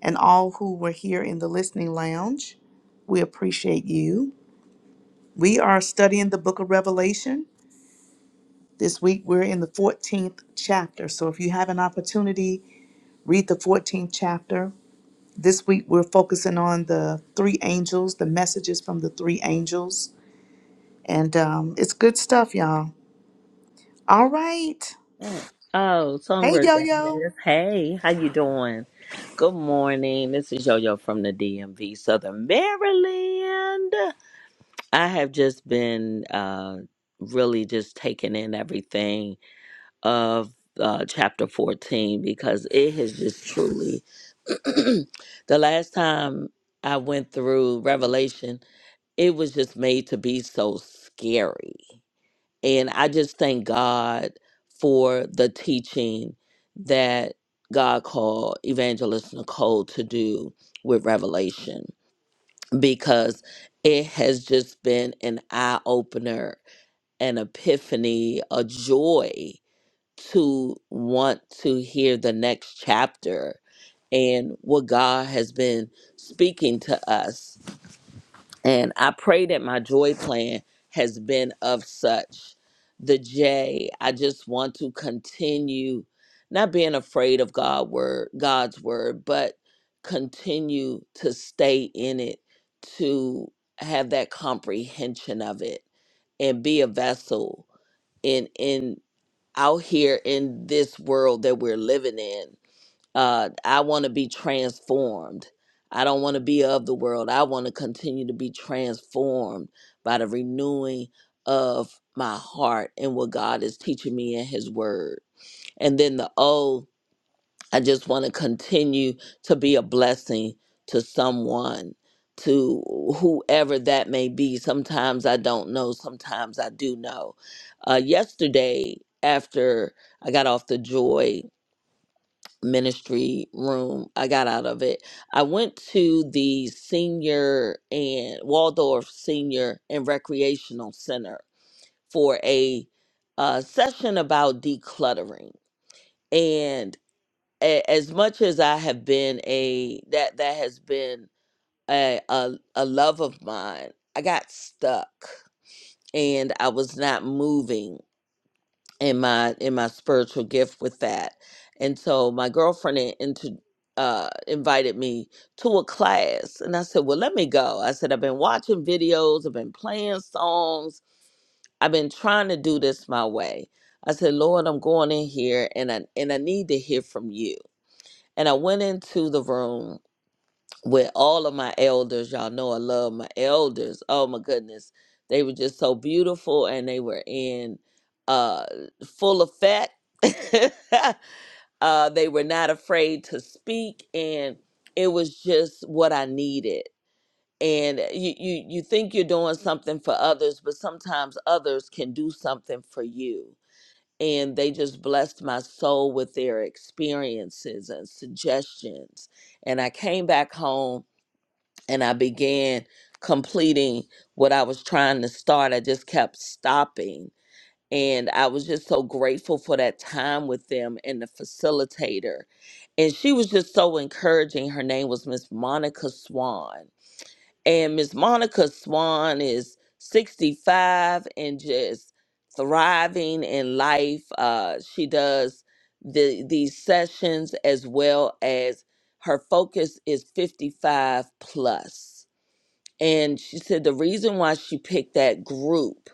Speaker 2: and all who were here in the listening lounge. We appreciate you. We are studying the book of Revelation. This week we're in the 14th chapter. So if you have an opportunity, read the 14th chapter. This week we're focusing on the three angels, the messages from the three angels. And um, it's good stuff, y'all. All right.
Speaker 11: Oh,
Speaker 2: Hey,
Speaker 11: Songbird
Speaker 2: yo, yo.
Speaker 11: Janice. Hey, how you doing? Good morning. This is Yo-Yo from the DMV, Southern Maryland. I have just been uh, really just taking in everything of uh, chapter 14 because it has just truly, the last time I went through Revelation, it was just made to be so scary. And I just thank God for the teaching that God called Evangelist Nicole to do with Revelation because it has just been an eye opener, an epiphany, a joy to want to hear the next chapter and what God has been speaking to us. And I pray that my joy plan has been of such. The J, I just want to continue not being afraid of God word, God's word, but continue to stay in it, to have that comprehension of it and be a vessel in in out here in this world that we're living in uh, I want to be transformed. I don't want to be of the world. I want to continue to be transformed by the renewing of my heart and what God is teaching me in His Word. And then the O, I just want to continue to be a blessing to someone, to whoever that may be. Sometimes I don't know, sometimes I do know. Uh, yesterday, after I got off the joy ministry room I got out of it. I went to the senior and Waldorf Senior and Recreational Center for a uh, session about decluttering. And a- as much as I have been a that that has been a, a a love of mine, I got stuck and I was not moving in my in my spiritual gift with that and so my girlfriend in- into uh invited me to a class and i said well let me go i said i've been watching videos i've been playing songs i've been trying to do this my way i said lord i'm going in here and i and i need to hear from you and i went into the room with all of my elders. Y'all know I love my elders. Oh my goodness. They were just so beautiful and they were in uh full effect. uh they were not afraid to speak and it was just what I needed. And you, you you think you're doing something for others, but sometimes others can do something for you. And they just blessed my soul with their experiences and suggestions. And I came back home and I began completing what I was trying to start. I just kept stopping. And I was just so grateful for that time with them and the facilitator. And she was just so encouraging. Her name was Miss Monica Swan. And Miss Monica Swan is 65 and just thriving in life. Uh, she does the these sessions as well as her focus is 55 plus and she said the reason why she picked that group,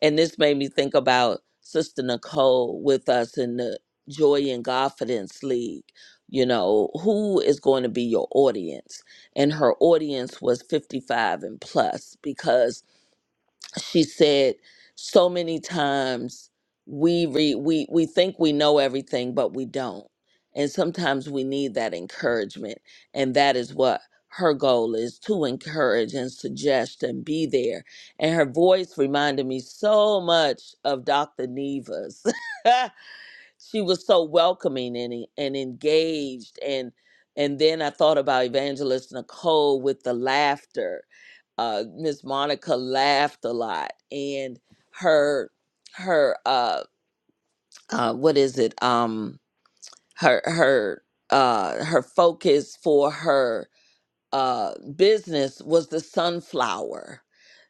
Speaker 11: and this made me think about Sister Nicole with us in the Joy and Confidence League. You know, who is going to be your audience? And her audience was 55 and plus because she said so many times we re, we we think we know everything but we don't and sometimes we need that encouragement and that is what her goal is to encourage and suggest and be there and her voice reminded me so much of dr neva's she was so welcoming and e- and engaged and and then I thought about Evangelist Nicole with the laughter. Uh, Miss Monica laughed a lot, and her her uh, uh, what is it? Um, her her uh, her focus for her uh, business was the sunflower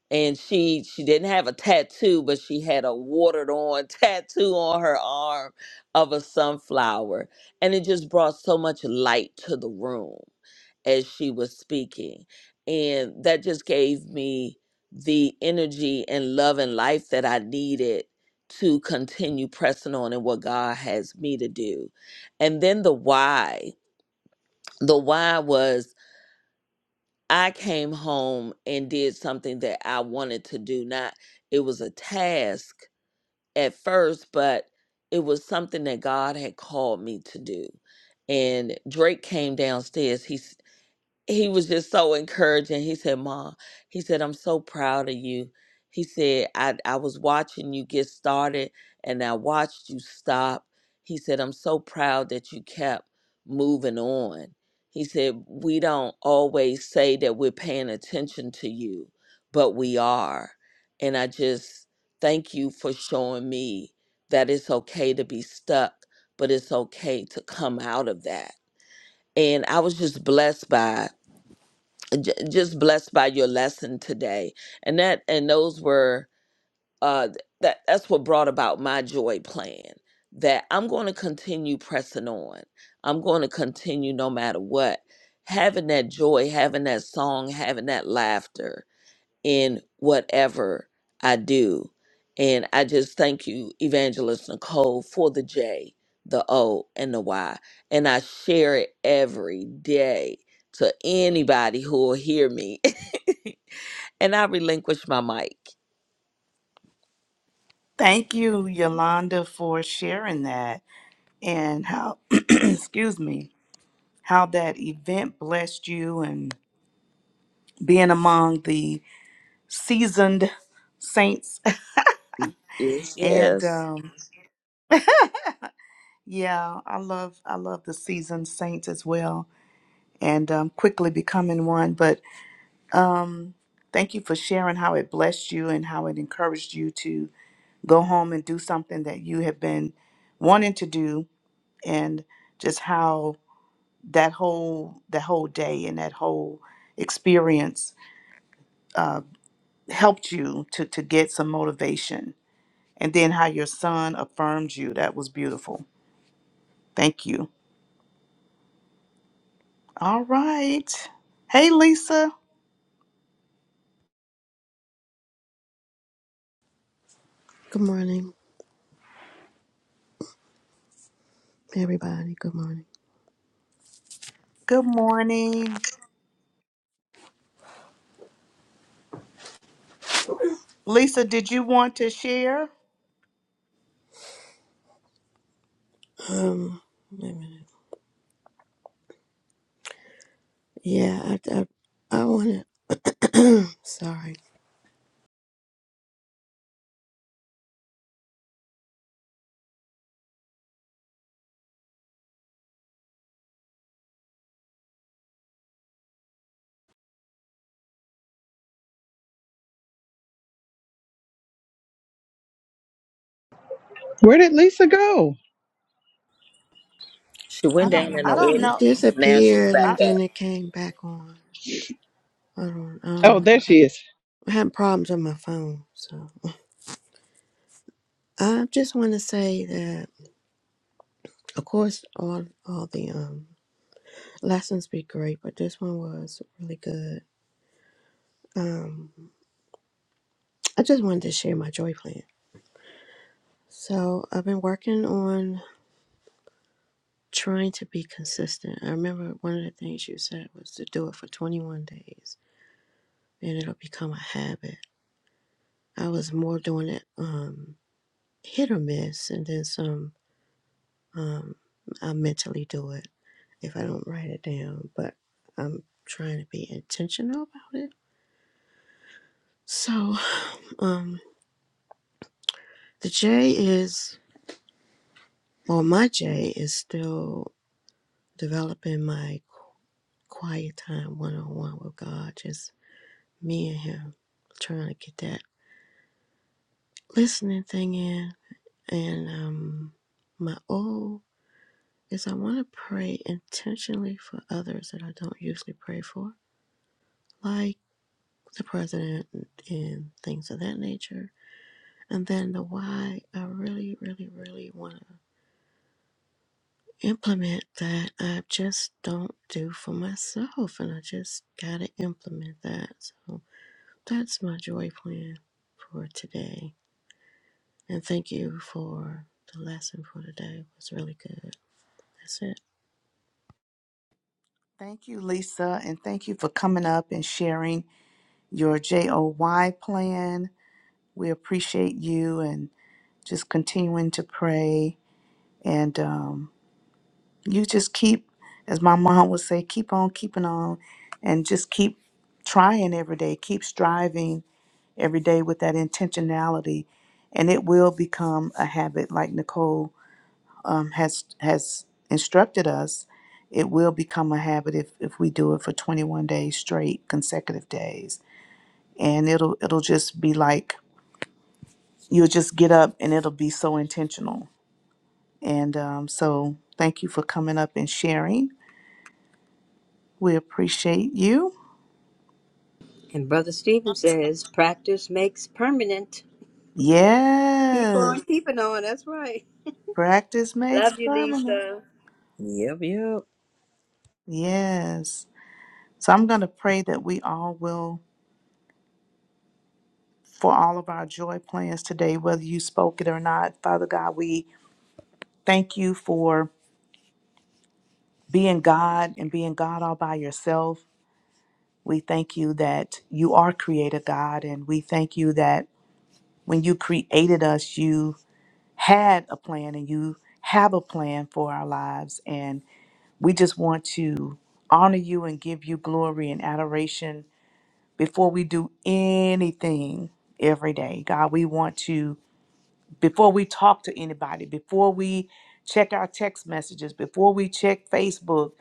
Speaker 11: and she she didn't have a tattoo but she had a watered on tattoo on her arm of a sunflower and it just brought so much light to the room as she was speaking and that just gave me the energy and love and life that I needed to continue pressing on in what God has me to do and then the why the why was I came home and did something that I wanted to do. Not, it was a task at first, but it was something that God had called me to do. And Drake came downstairs. He he was just so encouraging. He said, Mom, he said, I'm so proud of you. He said, I, I was watching you get started and I watched you stop. He said, I'm so proud that you kept moving on. He said, We don't always say that we're paying attention to you, but we are. And I just thank you for showing me that it's okay to be stuck, but it's okay to come out of that. And I was just blessed by it j- just blessed by your lesson today and that and those were uh th- that that's what brought about my joy plan that i'm going to continue pressing on i'm going to continue no matter what having that joy having that song having that laughter in whatever i do and i just thank you evangelist nicole for the j the o and the y and i share it every day to anybody who will hear me And I relinquished my mic.
Speaker 2: Thank you, Yolanda, for sharing that and how, excuse me, how that event blessed you and being among the seasoned saints
Speaker 11: Yes,
Speaker 2: And
Speaker 11: yes.
Speaker 2: um, yeah, I love I love the seasoned saints as well, and um, quickly becoming one. But um, thank you for sharing how it blessed you and how it encouraged you to go home and do something that you have been wanting to do, and just how that whole that whole day and that whole experience uh, helped you to to get some motivation, and then how your son affirmed you. That was beautiful. Thank you. All right. Hey, Lisa.
Speaker 12: Good morning, everybody. Good morning.
Speaker 2: Good morning. Lisa, did you want to share?
Speaker 12: Um, wait a minute. yeah, I, I, I want to. sorry,
Speaker 1: Where did Lisa go?
Speaker 11: She
Speaker 2: I
Speaker 11: went
Speaker 2: don't.
Speaker 11: down in the
Speaker 2: I
Speaker 12: um,
Speaker 2: don't
Speaker 12: it
Speaker 2: know.
Speaker 11: audience. Now she's
Speaker 12: disappeared
Speaker 11: back
Speaker 12: and
Speaker 2: I
Speaker 11: up.
Speaker 12: then it came back on. I don't, I
Speaker 1: Oh,
Speaker 12: don't.
Speaker 1: there she is.
Speaker 12: I had problems with my phone, so I just want to say that, of course, all all the um lessons be great, but this one was really good. Um, I just wanted to share my joy plan. So I've been working on. trying to be consistent. I remember one of the things you said was to do it for 21 days and it'll become a habit. I was more doing it um, hit or miss, and then some um, I mentally do it if I don't write it down, but I'm trying to be intentional about it. So um, the J is, well, my J is still developing my quiet time one on one with God, just me and Him, trying to get that listening thing in, and um, my O is I want to pray intentionally for others that I don't usually pray for, like the president and, and things of that nature. And then the why, I really, really, really want to implement that I just don't do for myself, and I just got to implement that. So that's my joy plan for today. And thank you for the lesson for today. It was really good. That's it.
Speaker 2: thank you, Lisa, and thank you for coming up and sharing your JOY plan. We appreciate you and just continuing to pray. And um, you just keep, as my mom would say, keep on keeping on, and just keep trying every day. Keep striving every day with that intentionality, and it will become a habit. Like Nicole um, has has instructed us, it will become a habit if if we do it for 21 days straight, consecutive days, and it'll it'll just be like you'll just get up and it'll be so intentional. And um, so, thank you for coming up and sharing. We appreciate you.
Speaker 5: And Brother Stephen says, practice makes permanent. Keep
Speaker 2: Yes,
Speaker 5: on keeping on. That's right.
Speaker 2: practice makes
Speaker 5: Love you,
Speaker 2: permanent.
Speaker 5: Lisa.
Speaker 11: Yep, yep.
Speaker 2: Yes. So I'm going to pray that we all will for all of our joy plans today, whether you spoke it or not. Father God, we thank you for being God and being God all by yourself. We thank you that you are creator God, and we thank you that when you created us, you had a plan and you have a plan for our lives. And we just want to honor you and give you glory and adoration before we do anything every day. God, we want to before we talk to anybody, before we check our text messages, before we check Facebook,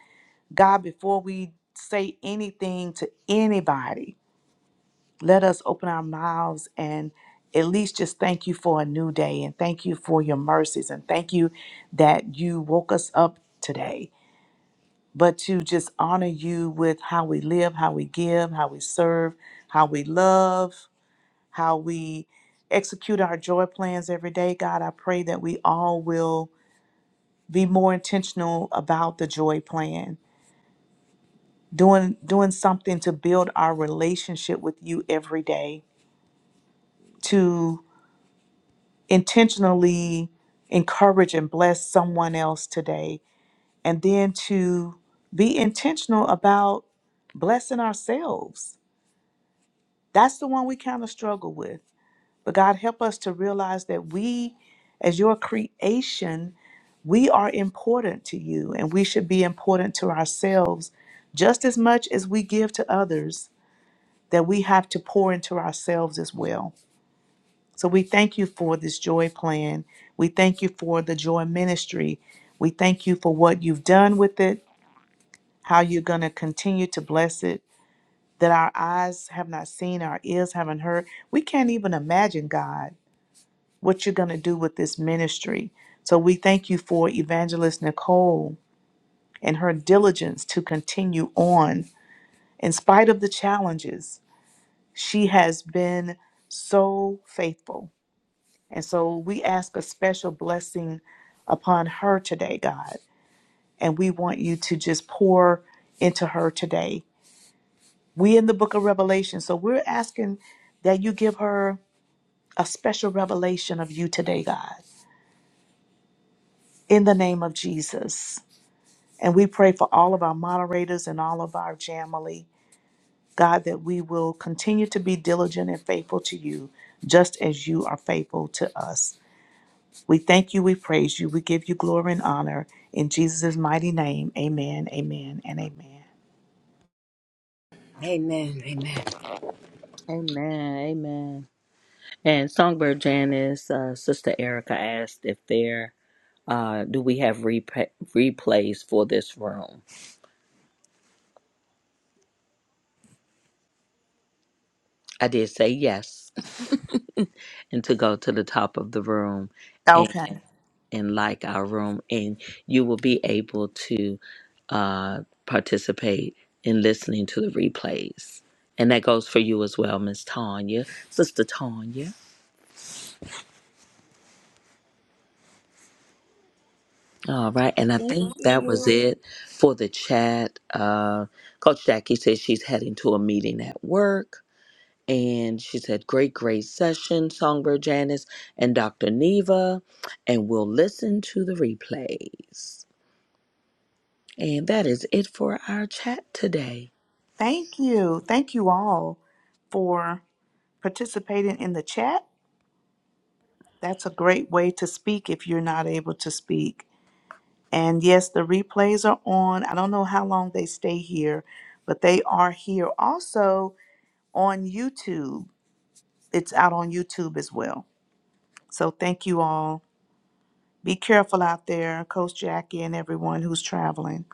Speaker 2: God, before we say anything to anybody, let us open our mouths and at least just thank you for a new day and thank you for your mercies and thank you that you woke us up today. But to just honor you with how we live, how we give, how we serve, how we love, how we execute our joy plans every day. God, I pray that we all will be more intentional about the joy plan doing doing something to build our relationship with you every day to intentionally encourage and bless someone else today and then to be intentional about blessing ourselves that's the one we kind of struggle with But God, help us to realize that we, as your creation, we are important to you and we should be important to ourselves just as much as we give to others, that we have to pour into ourselves as well. So we thank you for this joy plan. We thank you for the joy ministry. We thank you for what you've done with it, how you're going to continue to bless it, that our eyes have not seen, our ears haven't heard. We can't even imagine, God what you're going to do with this ministry. So we thank you for Evangelist Nicole and her diligence to continue on in spite of the challenges. She has been so faithful. And so we ask a special blessing upon her today, God. And we want you to just pour into her today. We in the book of Revelation, so we're asking that you give her a special revelation of you today, God. In the name of Jesus. And we pray for all of our moderators and all of our family, God, that we will continue to be diligent and faithful to you, just as you are faithful to us. We thank you, we praise you, we give you glory and honor. In Jesus' mighty name, amen, amen, and amen.
Speaker 5: Amen. Amen.
Speaker 11: Amen. Amen. And Songbird Janice, uh, Sister Erica asked if there uh, do we have repa replays for this room. I did say yes, and to go to the top of the room.
Speaker 2: Okay.
Speaker 11: and like our room, and you will be able to uh, participate in listening to the replays. And that goes for you as well, Miss Tanya, Sister Tanya. All right, and I
Speaker 9: Thank
Speaker 11: think that
Speaker 9: you.
Speaker 11: was it for the chat. Uh, Coach Jackie says she's heading to a meeting at work, and she said, "Great, great session, Songbird Janice and Dr. Neva," and we'll listen to the replays. And that is it for our chat today.
Speaker 2: Thank you. Thank you all for participating in the chat. That's a great way to speak if you're not able to speak. And yes, the replays are on. I don't know how long they stay here, but they are here also on YouTube. It's out on YouTube as well. So thank you all. Be careful out there, Coach Jackie and everyone who's traveling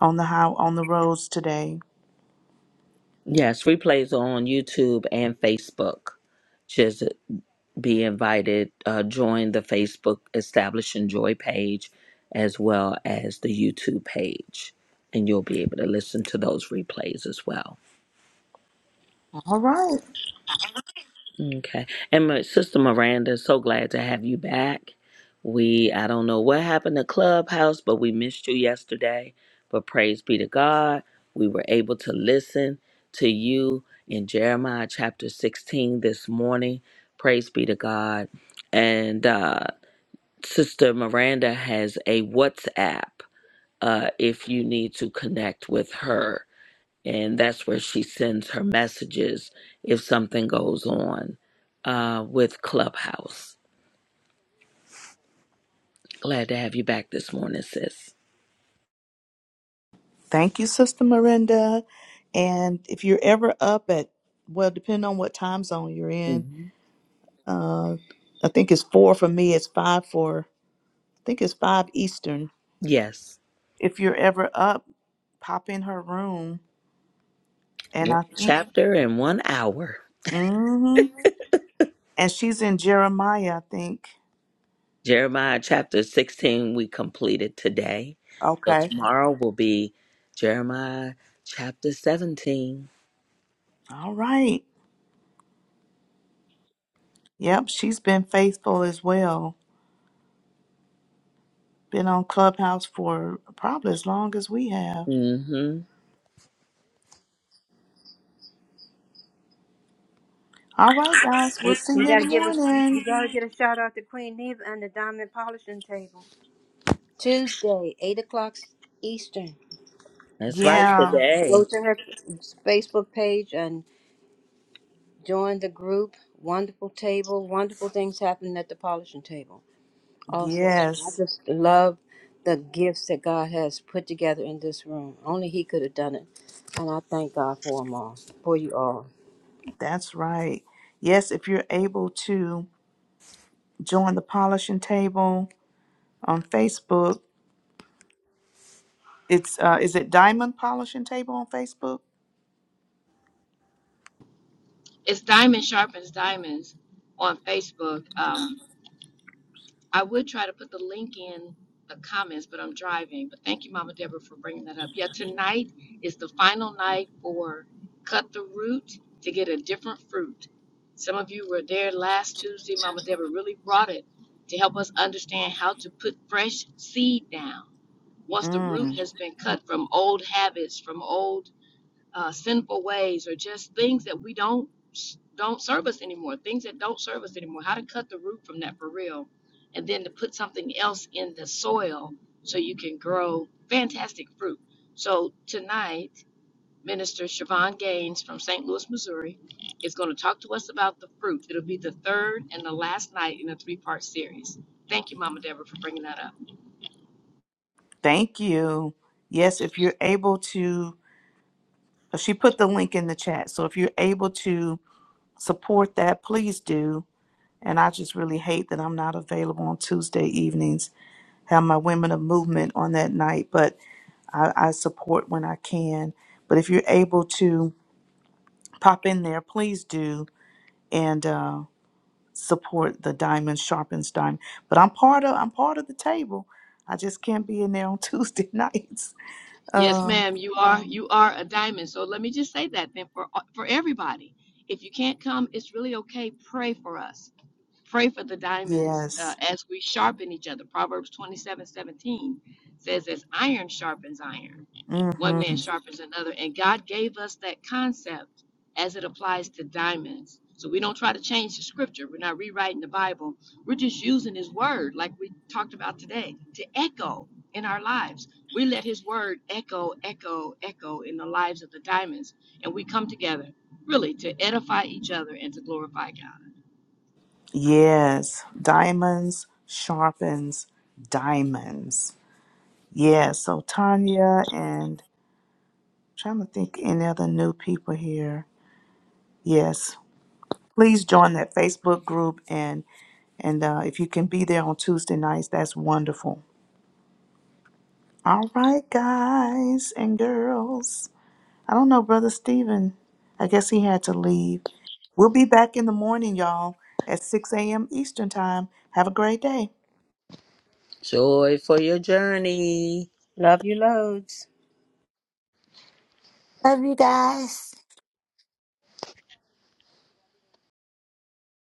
Speaker 2: on the how on the roads today.
Speaker 11: Yes, replays are on YouTube and Facebook. Just be invited, uh, join the Facebook Establishing Joy page as well as the YouTube page, and you'll be able to listen to those replays as well.
Speaker 2: All right.
Speaker 11: Okay. And my sister Miranda, so glad to have you back. We I don't know what happened to Clubhouse, but we missed you yesterday. But praise be to God. We were able to listen to you in Jeremiah chapter 16 this morning. Praise be to God. And uh Sister Miranda has a WhatsApp uh if you need to connect with her and that's where she sends her messages if something goes on uh, with Clubhouse. Glad to have you back this morning, sis.
Speaker 2: Thank you, Sister Miranda. And if you're ever up at well, depending on what time zone you're in,
Speaker 11: hmm
Speaker 2: uh, I think it's four for me. It's five for I think it's five Eastern
Speaker 11: Yes,
Speaker 2: if you're ever up, pop in her room. And
Speaker 11: one
Speaker 2: I think,
Speaker 11: chapter in one hour.
Speaker 2: mm-hmm. and she's in Jeremiah, I think.
Speaker 11: Jeremiah chapter 16 we completed today. So
Speaker 2: Okay.
Speaker 11: tomorrow will be Jeremiah chapter 17.
Speaker 2: All right. Yep, she's been faithful as well. Been on Clubhouse for probably as long as we have.
Speaker 11: mm hmm
Speaker 2: All right, guys, we'll
Speaker 5: We,
Speaker 2: see
Speaker 5: we
Speaker 2: you in the
Speaker 5: gotta give us. You you
Speaker 2: morning.
Speaker 5: gotta get a shout out to Queen Neva and the Diamond Polishing Table Tuesday, eight o'clock Eastern.
Speaker 11: That's right,
Speaker 5: Um,
Speaker 2: Yeah,
Speaker 11: today.
Speaker 5: go to her Facebook page and join the group. Wonderful table. Wonderful things happen at the polishing table. Also, I
Speaker 2: yes,
Speaker 5: just love the gifts that God has put together in this room. Only He could have done it. And I thank God for them all, for you all.
Speaker 2: that's right. Yes, if you're able to join the polishing table on Facebook, it's uh, is it Diamond Polishing Table on Facebook?
Speaker 3: It's Diamond Sharpens Diamonds on Facebook. Um, I would try to put the link in the comments, but I'm driving. But thank you, Mama Deborah, for bringing that up. Yeah, tonight is the final night for Cut the Root to get a different fruit. Some of you were there last Tuesday. Mama Deborah really brought it to help us understand how to put fresh seed down once the
Speaker 2: Mm.
Speaker 3: root has been cut from old habits, from old uh, sinful ways or just things that we don't don't serve us anymore things that don't serve us anymore how to cut the root from that for real and then to put something else in the soil so you can grow fantastic fruit so tonight minister Siobhan gaines from st louis missouri is going to talk to us about the fruit it'll be the third and the last night in a three-part series thank you mama deborah for bringing that up
Speaker 2: Thank you. Yes, if you're able to, uh, she put the link in the chat. So if you're able to support that, please do. And I just really hate that I'm not available on Tuesday evenings. Have my Women of Movement on that night, but I, I support when I can. But if you're able to pop in there, please do and uh, support the Diamond Sharpens Diamond. But I'm part of I'm part of the table. I just can't be in there on Tuesday nights.
Speaker 3: Yes,
Speaker 2: Um,
Speaker 3: ma'am, you are you are a diamond. So let me just say that then for for everybody. If you can't come, it's really okay. Pray for us. Pray for the diamonds
Speaker 2: yes.
Speaker 3: uh, as we sharpen each other. Proverbs 27:17 says, as iron sharpens iron, one man
Speaker 2: Mm-hmm.
Speaker 3: sharpens another. And God gave us that concept as it applies to diamonds. So we don't try to change the scripture. We're not rewriting the Bible. We're just using his word, like we talked about today, to echo in our lives we let his word echo, echo, echo in the lives of the diamonds, and we come together really to edify each other and to glorify God.
Speaker 2: Yes, diamonds sharpens diamonds. Yeah, so Tanya and trying to think any other new people here. Yes, please join that Facebook group and and uh, if you can be there on Tuesday nights, that's wonderful. All right, guys and girls. I don't know, brother Stephen. I guess he had to leave. We'll be back in the morning, y'all, at 6 a.m. Eastern time. Have a great day.
Speaker 11: Joy for your journey.
Speaker 5: Love you loads.
Speaker 7: Love you guys.